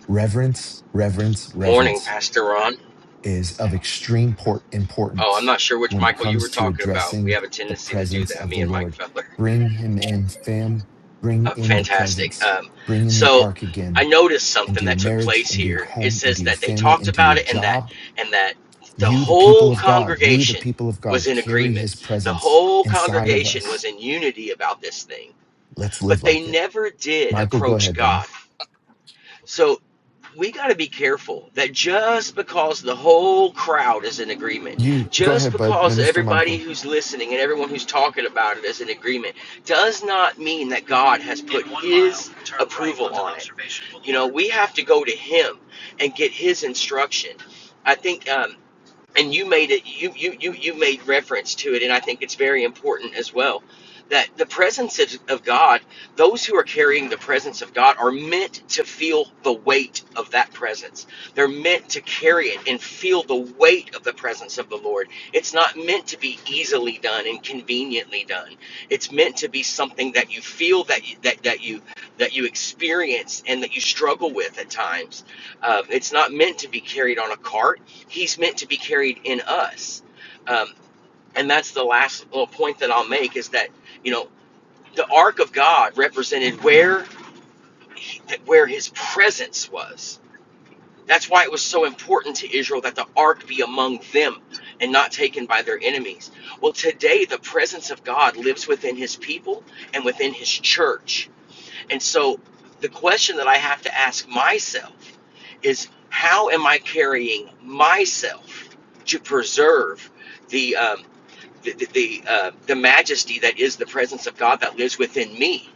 A: Reverence, reverence,
M: Morning,
A: reverence.
M: Pastor Ron.
A: is of extreme port
M: Oh, I'm
A: importance
M: not sure which
A: when it
M: Michael you were
A: comes to
M: talking about. We
A: addressing
M: have a
A: the
M: tendency to do
A: presence
M: that,
A: of the
M: me and Mike
A: Lord.
M: Feller.
A: Bring him in, fam. Bring
M: Uh,
A: in the
M: fantastic.
A: presence.
M: Um,
A: Bring in the
M: so
A: ark
M: I
A: again
M: noticed
A: into
M: something
A: your
M: that took
A: marriage,
M: place
A: into your
M: here. It
A: home, into
M: says
A: your
M: that they
A: family,
M: talked
A: into your
M: about it and that
A: job.
M: and that the
A: You, the people
M: whole
A: of God, we, the
M: congregation
A: people of
M: was
A: God,
M: in
A: carry
M: agreement.
A: his
M: The
A: presence
M: whole
A: inside of
M: congregation was
A: us.
M: in unity about this thing,
A: Let's
M: but
A: live like
M: they
A: it.
M: never did
A: Michael, go
M: approach
A: ahead, bud.
M: God. So we got to be careful that just because the whole crowd is in agreement,
A: You, go
M: just
A: ahead, bud.
M: because
A: Minister
M: everybody
A: Michael.
M: who's listening and everyone who's talking about it is in agreement, does not mean that God has put His right approval on it. You know, we have to go to Him and get His instruction. I think. uh, and you made it you, you you you made reference to it and i think it's very important as well that the presence of god those who are carrying the presence of god are meant to feel the weight of that presence they're meant to carry it and feel the weight of the presence of the lord it's not meant to be easily done and conveniently done it's meant to be something that you feel that you, that, that you that you experience and that you struggle with at times um, it's not meant to be carried on a cart He's meant to be carried in us. Um, and that's the last little point that I'll make is that, you know, the ark of God represented where he, where his presence was. That's why it was so important to Israel that the ark be among them and not taken by their enemies. Well, today the presence of God lives within his people and within his church. And so the question that I have to ask myself is how am I carrying myself to preserve the um, the the the, uh, the majesty that is the presence of God that lives within me?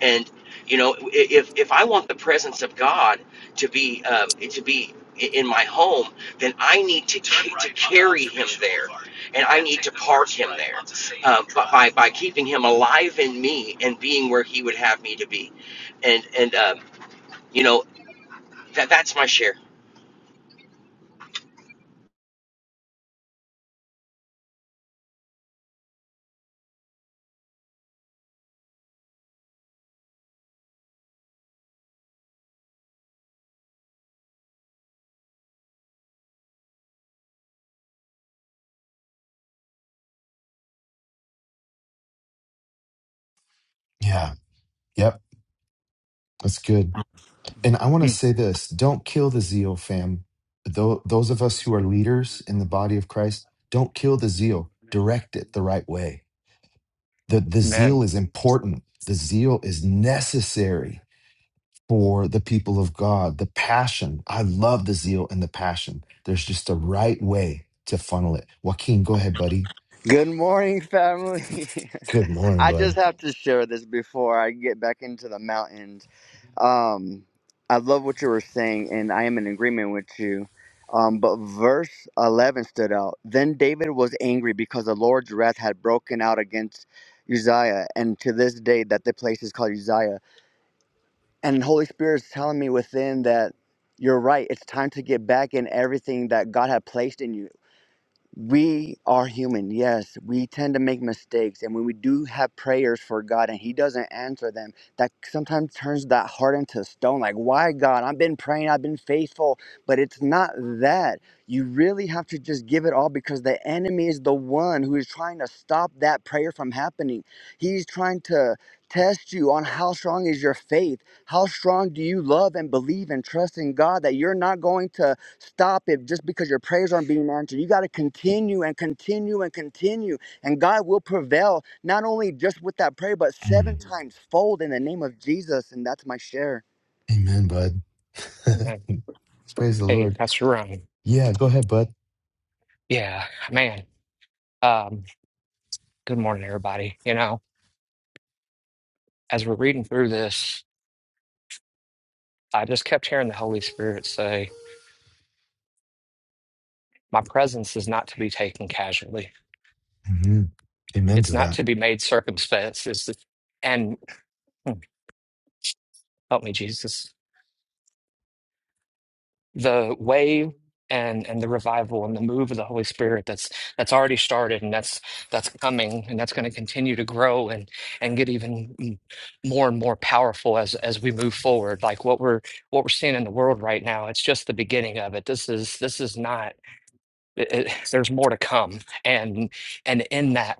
M: And you know, if if I want the presence of God to be um, to be i- in my home, then I need to ca- to carry Him there, and I need to park Him there, um, by by by keeping Him alive in me and being where He would have me to be, and and um, you know that that's my share.
A: Yeah. Yep. That's good. And I want to say this don't kill the zeal, fam. Tho- those of us who are leaders in the body of Christ, don't kill the zeal. Direct it the right way. The, the
G: Man.
A: zeal is important, the zeal is necessary for the people of God. The passion, I love the zeal and the passion. There's just a right way to funnel it. Joaquin, go ahead, buddy.
C: Good morning, family.
A: Good morning,
C: I
A: bud.
C: just have to share this before I get back into the mountains. Um, I love what you were saying, and I am in agreement with you. Um, but verse 11 stood out. Then David was angry because the Lord's wrath had broken out against Uzziah, and to this day that the place is called Uzziah. And Holy Spirit is telling me within that you're right. It's time to get back in everything that God had placed in you we are human yes we tend to make mistakes and when we do have prayers for god and he doesn't answer them that sometimes turns that heart into stone like why god i've been praying i've been faithful but it's not that you really have to just give it all because the enemy is the one who is trying to stop that prayer from happening he's trying to test you on how strong is your faith how strong do you love and believe and trust in god that you're not going to Stop it just because your prayers aren't being answered. You got to continue and continue and continue. And God will prevail, not only just with that prayer, but seven
A: Mm.
C: Mhm. times fold in the name of Jesus. And that's my share.
A: Amen, bud.
G: And
A: Praise the
G: hey,
A: Lord.
G: Pastor Ryan.
A: Yeah, go ahead, bud.
G: Yeah, man. Um, good morning, everybody. You know, as we're reading through this, I just kept hearing the Holy Spirit say, my presence is not to be taken casually.
A: hmm Amen
G: It's
A: to
G: not
A: that.
G: to be made circumspect. It's the, and hmm, help me, Jesus. The wave and and the revival and the move of the Holy Spirit that's that's already started and that's that's coming and that's going to continue to grow and and get even mm, more and more powerful as as we move forward. Like what we're what we're seeing in the world right now, it's just the beginning of it. This is this is not. It, it, there's more to come, and and in that.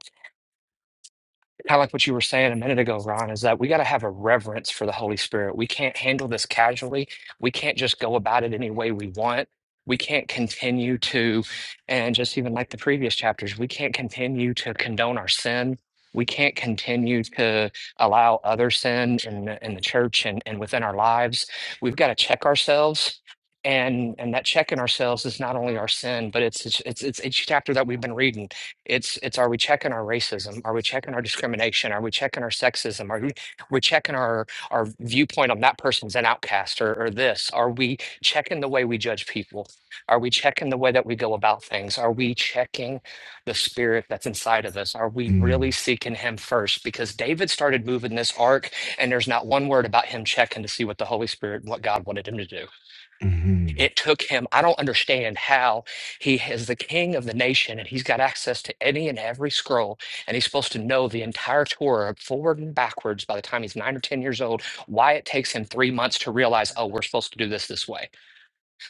G: kind of like what you were saying a minute ago, Ron, is that we got to have a reverence for the Holy Spirit. We can't handle this casually. We can't just go about it any way we want. We can't continue to, and just even like the previous chapters, we can't continue to condone our sin. We can't continue to allow other sin in the, in the church and, and within our lives. We've got to check ourselves. And and that checking ourselves is not only our sin, but it's it's it's, it's each chapter that we've been reading it's it's are we checking our racism? Are we checking our discrimination? Are we checking our sexism? Are we we checking our our viewpoint on that person's an outcast or, or this? Are we checking the way we judge people? Are we checking the way that we go about things? Are we checking the spirit that's inside of us? Are we really seeking him first? Because David started moving this ark and there's not one word about him checking to see what the Holy Spirit what God wanted him to do.
A: Mm-hmm.
G: It took him, I don't understand how he is the king of the nation and he's got access to any and every scroll, and he's supposed to know the entire Torah forward and backwards by the time he's nine or 10 years old. Why it takes him three months to realize, oh, we're supposed to do this this way.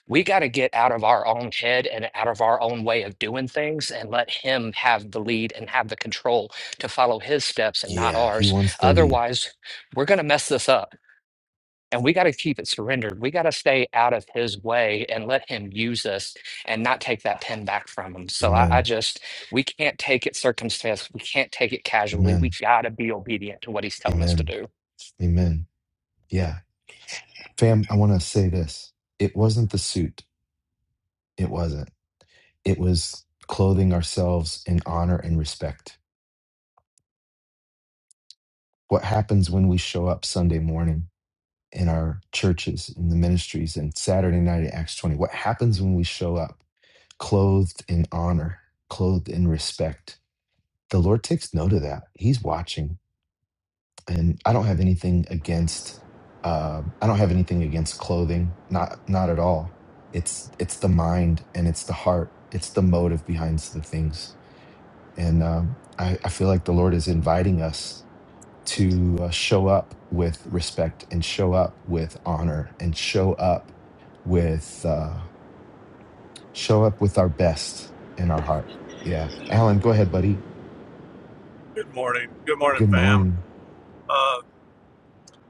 G: We got to get out of our own head and out of our own way of doing things and let him have the lead and have the control to follow his steps and not
A: Yeah, he
G: ours.
A: wants the lead.
G: Otherwise, we're going to mess this up and we got to keep it surrendered. We got to stay out of his way and let him use us and not take that pen back from him. So I, I
A: Amen.
G: just, we can't take it circumstance. We can't take it casually. We
A: Amen.
G: got to be obedient to what he's telling us to
A: Amen.
G: do.
A: Amen. Yeah. Fam, I want to say this. It wasn't the suit. It wasn't. It was clothing ourselves in honor and respect. What happens when we show up Sunday morning in our churches, in the ministries, and Saturday night at Acts 20? What happens when we show up clothed in honor, clothed in respect? The Lord takes note of that. He's watching. and I don't have anything against uh, I don't have anything against clothing, not not at all. It's it's the mind and it's the heart, it's the motive behind the things, and um, I, I feel like the Lord is inviting us to uh, show up with respect and show up with honor and show up with uh, show up with our best in our heart. Yeah, Alan, go ahead, buddy.
N: Good morning. Good morning,
A: Good
N: fam.
A: morning.
N: Uh,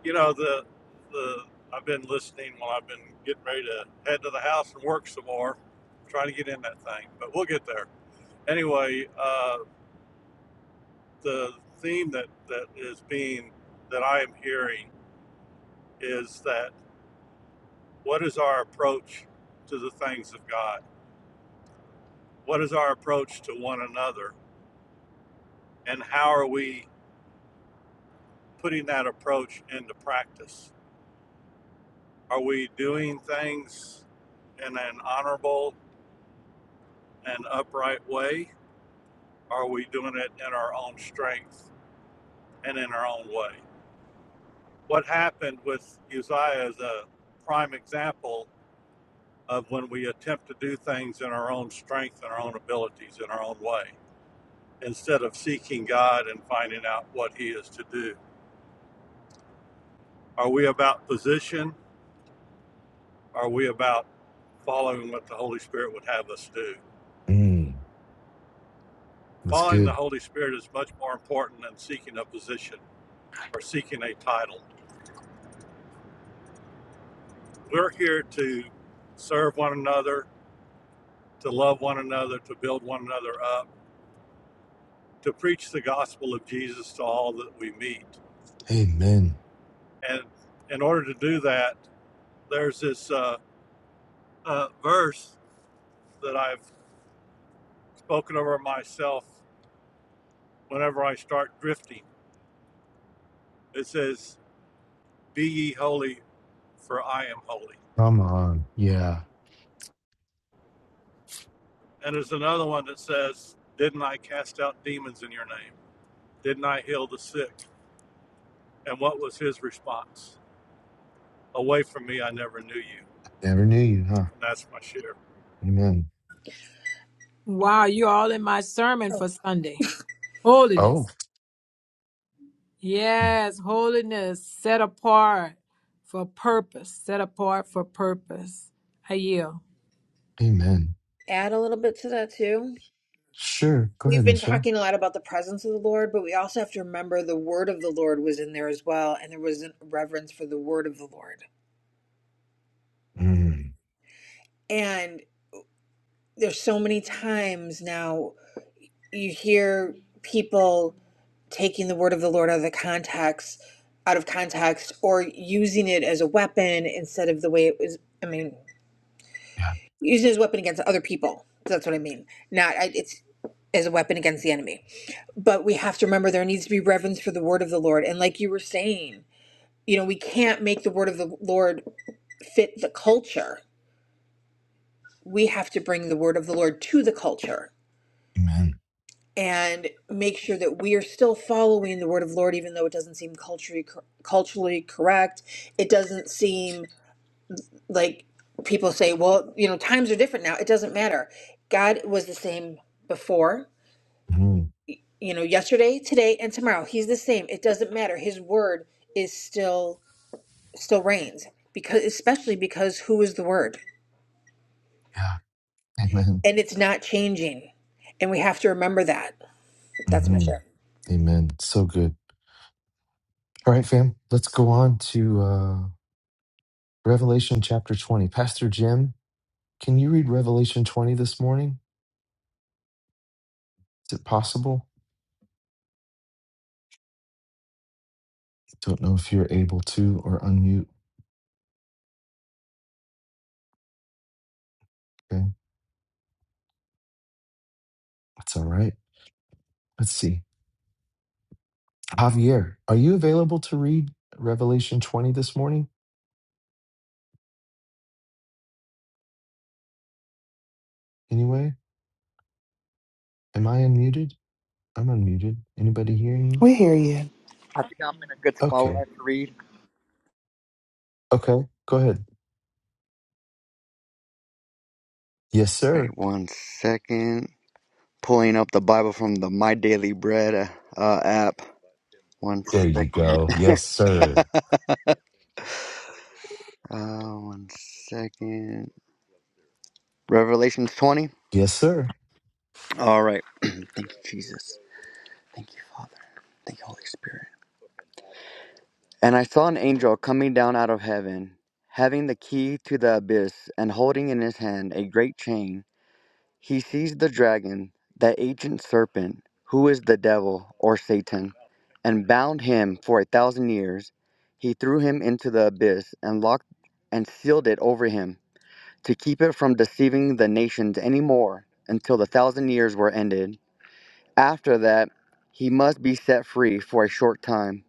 N: you know the the I've been listening while I've been getting ready to head to the house and work some more, trying to get in that thing. But we'll get there. Anyway, uh, the theme that that is being that I am hearing is that what is our approach to the things of God? What is our approach to one another? And how are we putting that approach into practice? Are we doing things in an honorable an upright way? Are we doing it in our own strength and in our own way? What happened with Uzziah is a prime example of when we attempt to do things in our own strength and our own abilities in our own way instead of seeking God and finding out what He is to do. Are we about position? Are we about following what the Holy Spirit would have us do?
A: Mm, that's
N: Following the
A: good.
N: Holy Spirit is much more important than seeking a position or seeking a title. We're here to serve one another, to love one another, to build one another up, to preach the gospel of Jesus to all that we meet.
A: Amen.
N: And in order to do that, there's this uh, uh, verse that I've spoken over myself whenever I start drifting. It says, Be ye holy, for I am holy.
A: Come on. Yeah.
N: And there's another one that says, Didn't I cast out demons in your name? Didn't I heal the sick? And what was his response? Away from me, I never knew you.
A: Never knew you, huh?
N: and that's my share.
A: Amen.
F: Wow, you're all in my sermon for Sunday.
A: Oh,
F: Holiness. Yes, holiness set apart for purpose, set apart for purpose. I yield.
A: amen.
K: Add a little bit to that too.
A: Sure. Go
K: We've
A: ahead,
K: been
A: Michelle.
K: talking a lot about the presence of the Lord, but we also have to remember the word of the Lord was in there as well, and there was a reverence for the word of the Lord.
A: Mm,
K: And there's so many times now you hear people taking the word of the Lord out of the context, out of context, or using it as a weapon instead of the way it was. I mean,
A: yeah.
K: using his weapon against other people. That's what I mean. Not I, it's as a weapon against the enemy. But we have to remember there needs to be reverence for the word of the Lord. And like you were saying, you know, we can't make the word of the Lord fit the culture. We have to bring the word of the Lord to the culture
A: Amen.
K: and make sure that we are still following the word of the Lord, even though it doesn't seem culturally culturally correct. It doesn't seem like people say, well, you know, times are different now. It doesn't matter. God was the same before
A: Mm,
K: you know yesterday today and tomorrow he's the same it doesn't matter his word is still still reigns because especially because who is the word
A: yeah. Amen.
K: and it's not changing and we have to remember that that's my
A: hmm
K: share
A: Amen. So good. All right, fam. Let's go on to uh, Revelation chapter 20. Pastor Jim, can you read Revelation 20 this morning? Is it possible? Don't know if you're able to or unmute. Okay. That's all right. Let's see. Javier, are you available to read Revelation 20 this morning? Anyway, am I unmuted? I'm unmuted. Anybody hearing me?
O: We hear you.
C: I think I'm in a good spot where
A: Okay.
C: I can read.
A: Okay. Go ahead. Yes, sir.
C: Wait one second. Pulling up the Bible from the My Daily Bread uh, uh, app. One
A: There you
C: second.
A: go. Yes, sir.
C: Uh, one second. Revelations 20.
A: Yes, sir.
C: All right. Thank you, Jesus. Thank you, Father. Thank you, Holy Spirit. And I saw an angel coming down out of heaven, having the key to the abyss, and holding in his hand a great chain. He seized the dragon, that ancient serpent, who is the devil, or Satan, and bound him for a thousand years. He threw him into the abyss, and locked and sealed it over him, to keep it from deceiving the nations any more, until the thousand years were ended. After that, he must be set free for a short time.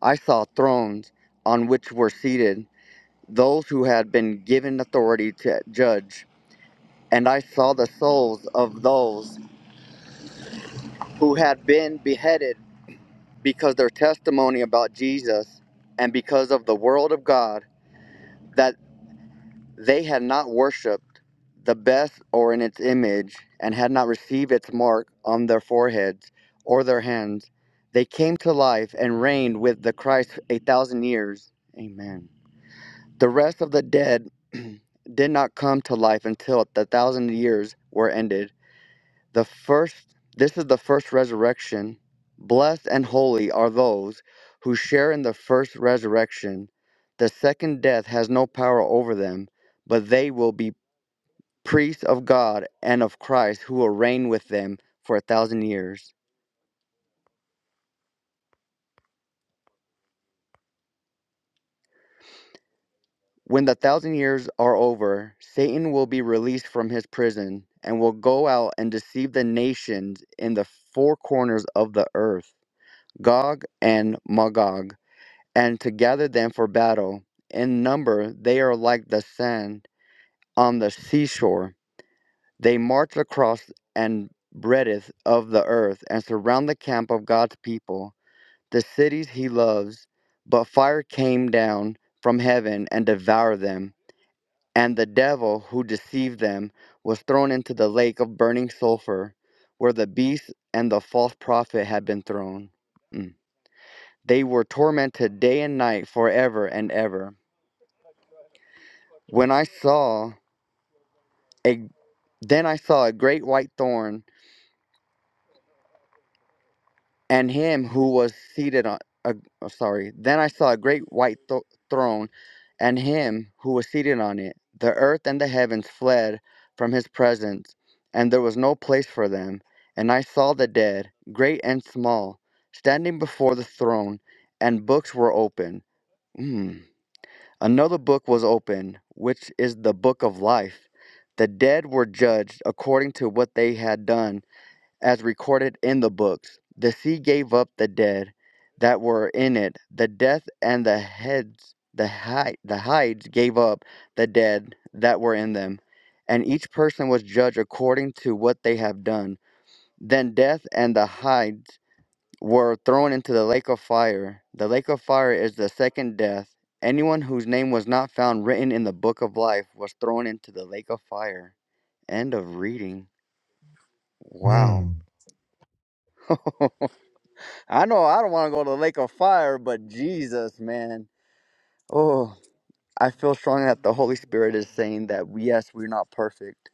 C: I saw thrones on which were seated those who had been given authority to judge, and I saw the souls of those who had been beheaded because their testimony about Jesus and because of the world of God, that they had not worshipped the best or in its image, and had not received its mark on their foreheads or their hands. They came to life and reigned with the Christ a thousand years. Amen. The rest of the dead did not come to life until the thousand years were ended. The first this is the first resurrection. Blessed and holy are those who share in the first resurrection. The second death has no power over them, but they will be priests of God and of Christ who will reign with them for a thousand years. When the thousand years are over, Satan will be released from his prison and will go out and deceive the nations in the four corners of the earth, Gog and Magog, and to gather them for battle. In number, they are like the sand on the seashore. They march across and breadth of the earth and surround the camp of God's people, the cities he loves. But fire came down from heaven and devoured them and the devil who deceived them was thrown into the lake of burning sulfur, where the beast and the false prophet had been thrown. Mm. They were tormented day and night forever and ever. When I saw a then I saw a great white thorn and him who was seated on a oh, sorry then i saw a great white tho- throne and him who was seated on it the earth and the heavens fled from his presence and there was no place for them and i saw the dead great and small standing before the throne and books were open mm. another book was opened, which is the book of life the dead were judged according to what they had done as recorded in the books. The sea gave up the dead that were in it. The death and the heads, the hide, the hides gave up the dead that were in them, and each person was judged according to what they have done. Then death and the hides were thrown into the lake of fire. The lake of fire is the second death. Anyone whose name was not found written in the book of life was thrown into the lake of fire. End of reading. Wow.
A: Mm.
C: I know I don't want to go to the lake of fire, but Jesus, man. Oh, I feel strongly that the Holy Spirit is saying that yes, we're not perfect.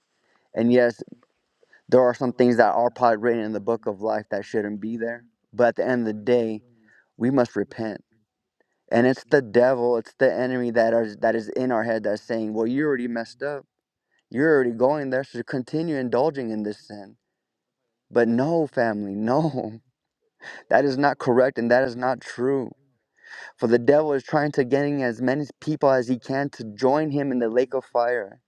C: And yes, there are some things that are probably written in the book of life that shouldn't be there. But at the end of the day, we must repent. And it's the devil, it's the enemy that is that is in our head that's saying, Well, you already messed up. You're already going there, so continue indulging in this sin. But no, family, no. That is not correct and that is not true For the devil is trying to getting as many people as he can to join him in the lake of fire.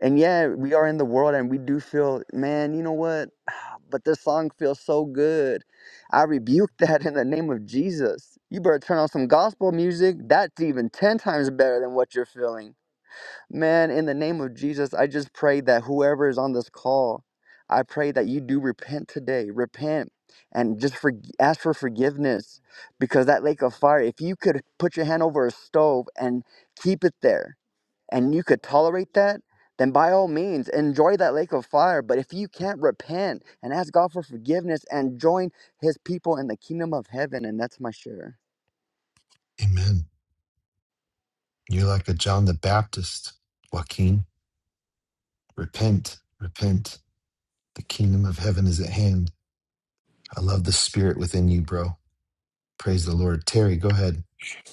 C: And yeah, we are in the world and we do feel, man, you know what? But this song feels so good. I rebuke that in the name of Jesus. You better turn on some gospel music. That's even 10 times better than what you're feeling. Man, in the name of Jesus, I just pray that whoever is on this call, I pray that you do repent today. Repent and just for, ask for forgiveness because that lake of fire, if you could put your hand over a stove and keep it there and you could tolerate that, then by all means enjoy that lake of fire. But if you can't repent and ask God for forgiveness and join his people in the kingdom of heaven, and that's my share.
A: Amen. You're like a John the Baptist, Joaquin. Repent. Repent. The kingdom of heaven is at hand. I love the spirit within you, bro. Praise the Lord. Terry, go ahead.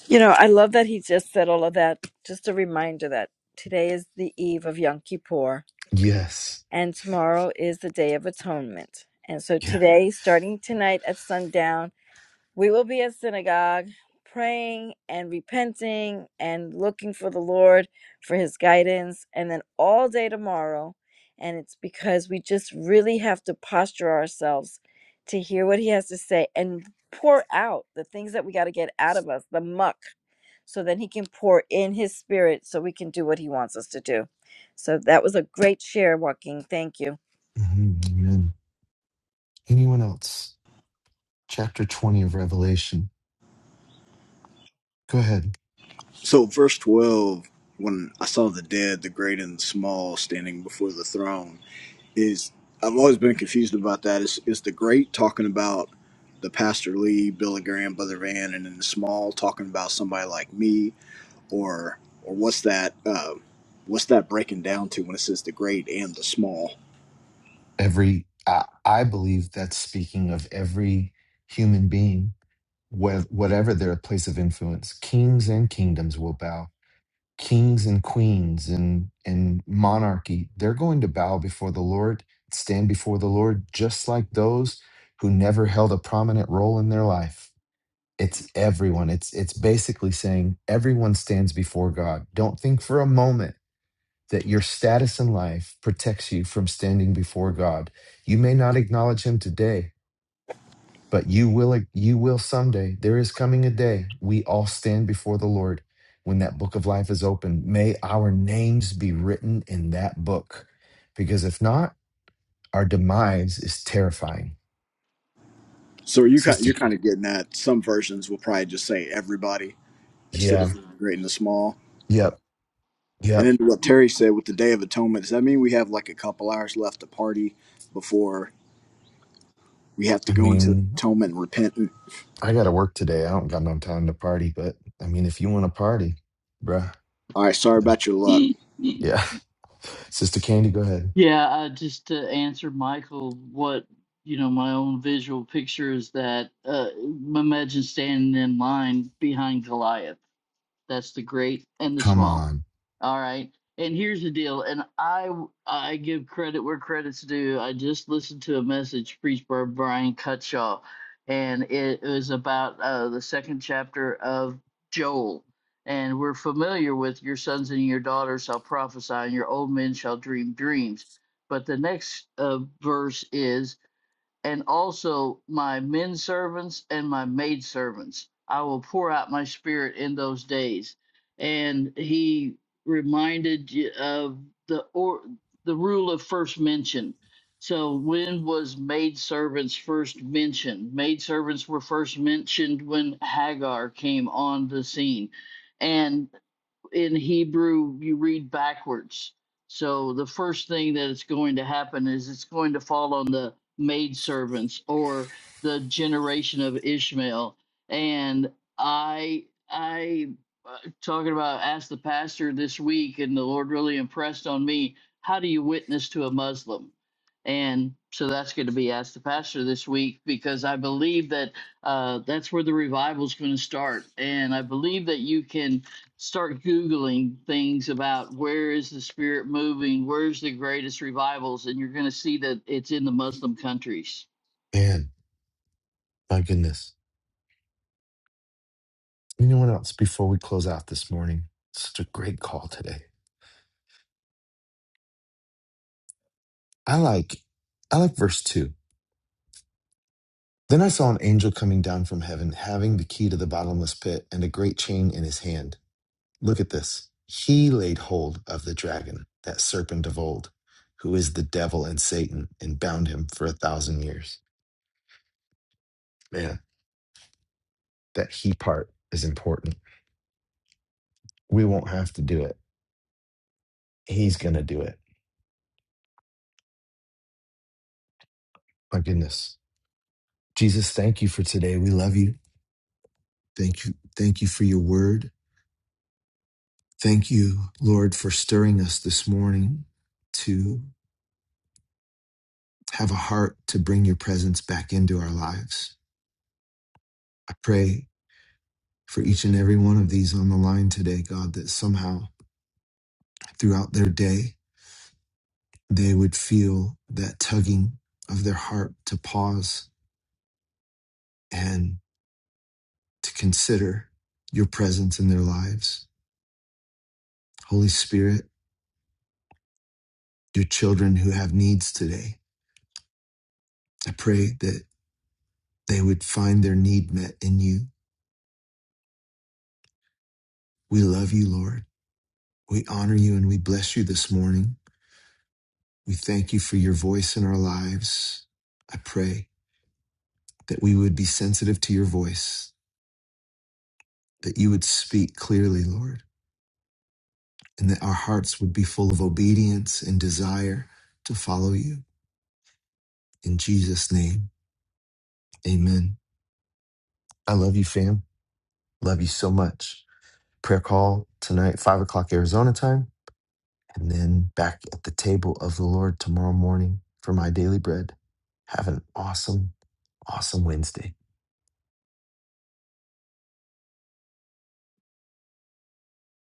I: You know, I love that he just said all of that. Just a reminder that today is the eve of Yom Kippur
A: Yes.
I: and tomorrow is the Day of Atonement. And so
A: Yeah.
I: today, starting tonight at sundown, We will be at synagogue praying and repenting and looking for the Lord for his guidance, and then all day tomorrow. And it's because we just really have to posture ourselves to hear what he has to say and pour out the things that we got to get out of us, the muck, so that he can pour in his spirit so we can do what he wants us to do. So that was a great share, Joaquin. Thank you.
A: Mhm. Amen. Anyone else? Chapter 20 of Revelation. Go ahead.
H: So, verse 12, when I saw the dead, the great and the small, standing before the throne. is I've always been confused about that. Is is the great talking about the Pastor Lee, Billy Graham, Brother Van, and then the small talking about somebody like me, or or what's that? Uh, what's that breaking down to when it says the great and the small?
A: every I, I believe that's speaking of every human being wh- whatever their place of influence kings and kingdoms will bow kings and queens and and monarchy they're going to bow before the lord stand before the lord just like those who never held a prominent role in their life it's everyone it's it's basically saying everyone stands before god don't think for a moment that your status in life protects you from standing before God. You may not acknowledge him today, but you will you will someday. There is coming a day we all stand before the Lord when that book of life is open. May our names be written in that book because if not, our demise is terrifying.
H: So you kind
A: Sister
H: you're kind
A: Key.
H: of getting that. Some versions will probably just say everybody instead
A: Yeah.
H: of the great and the small.
A: Yep.
H: And
A: Yep.
H: then what Terry said with the Day of Atonement, does that mean we have like a couple hours left to party before we have to
A: I
H: go into
A: mean,
H: atonement and repent?
A: I got to work today. I don't got no time to party, but I mean, if you want to party, bruh.
H: All right, sorry about your luck
A: Yeah. Sister Candy, go ahead.
B: yeah, I just to answer Michael what you know my own visual picture is that uh imagine standing in line behind Goliath. That's the great and the
A: Come
B: small.
A: on.
B: All right. And here's the deal. And I, I give credit where credit's due. I just listened to a message preached by Brian Cutshaw, and it was about uh, the second chapter of Joel. And we're familiar with your sons and your daughters shall prophesy, and your old men shall dream dreams. But the next uh, verse is and also my men servants and my maid servants. I will pour out my spirit in those days. And he reminded of the or the rule of first mention. So when was maid servants first mentioned? Maid servants were first mentioned when Hagar came on the scene. And in Hebrew, you read backwards. So the first thing that is going to happen is it's going to fall on the maidservants or the generation of Ishmael. And I, I, uh, talking about asked the pastor this week, and the Lord really impressed on me. How do you witness to a Muslim? And so that's going to be asked the pastor this week because I believe that uh, that's where the revival is going to start. And I believe that you can start googling things about where is the spirit moving where's the greatest revivals and you're going to see that it's in the muslim countries
A: Man, my goodness. Anyone else before we close out this morning? Such a great call today. I like I like verse 2. Then I saw an angel coming down from heaven, having the key to the bottomless pit and a great chain in his hand. Look at this. He laid hold of the dragon, that serpent of old, who is the devil and Satan, and bound him for a thousand years. Man, that he part is important. We won't have to do it. He's going to do it. My goodness. Jesus, thank you for today. We love you. Thank you. Thank you for your word. Thank you, Lord, for stirring us this morning to have a heart to bring your presence back into our lives. I pray for each and every one of these on the line today, God, that somehow throughout their day, they would feel that tugging of their heart to pause and to consider your presence in their lives. Holy Spirit, your children who have needs today, I pray that they would find their need met in you. We love you, Lord. We honor you and we bless you this morning. We thank you for your voice in our lives. I pray that we would be sensitive to your voice, that you would speak clearly, Lord, and that our hearts would be full of obedience and desire to follow you. In Jesus' name, amen. I love you, fam. Love you so much. Prayer call tonight, 5 o'clock Arizona time. and then back at the table of the Lord tomorrow morning for my daily bread. Have an awesome, awesome Wednesday.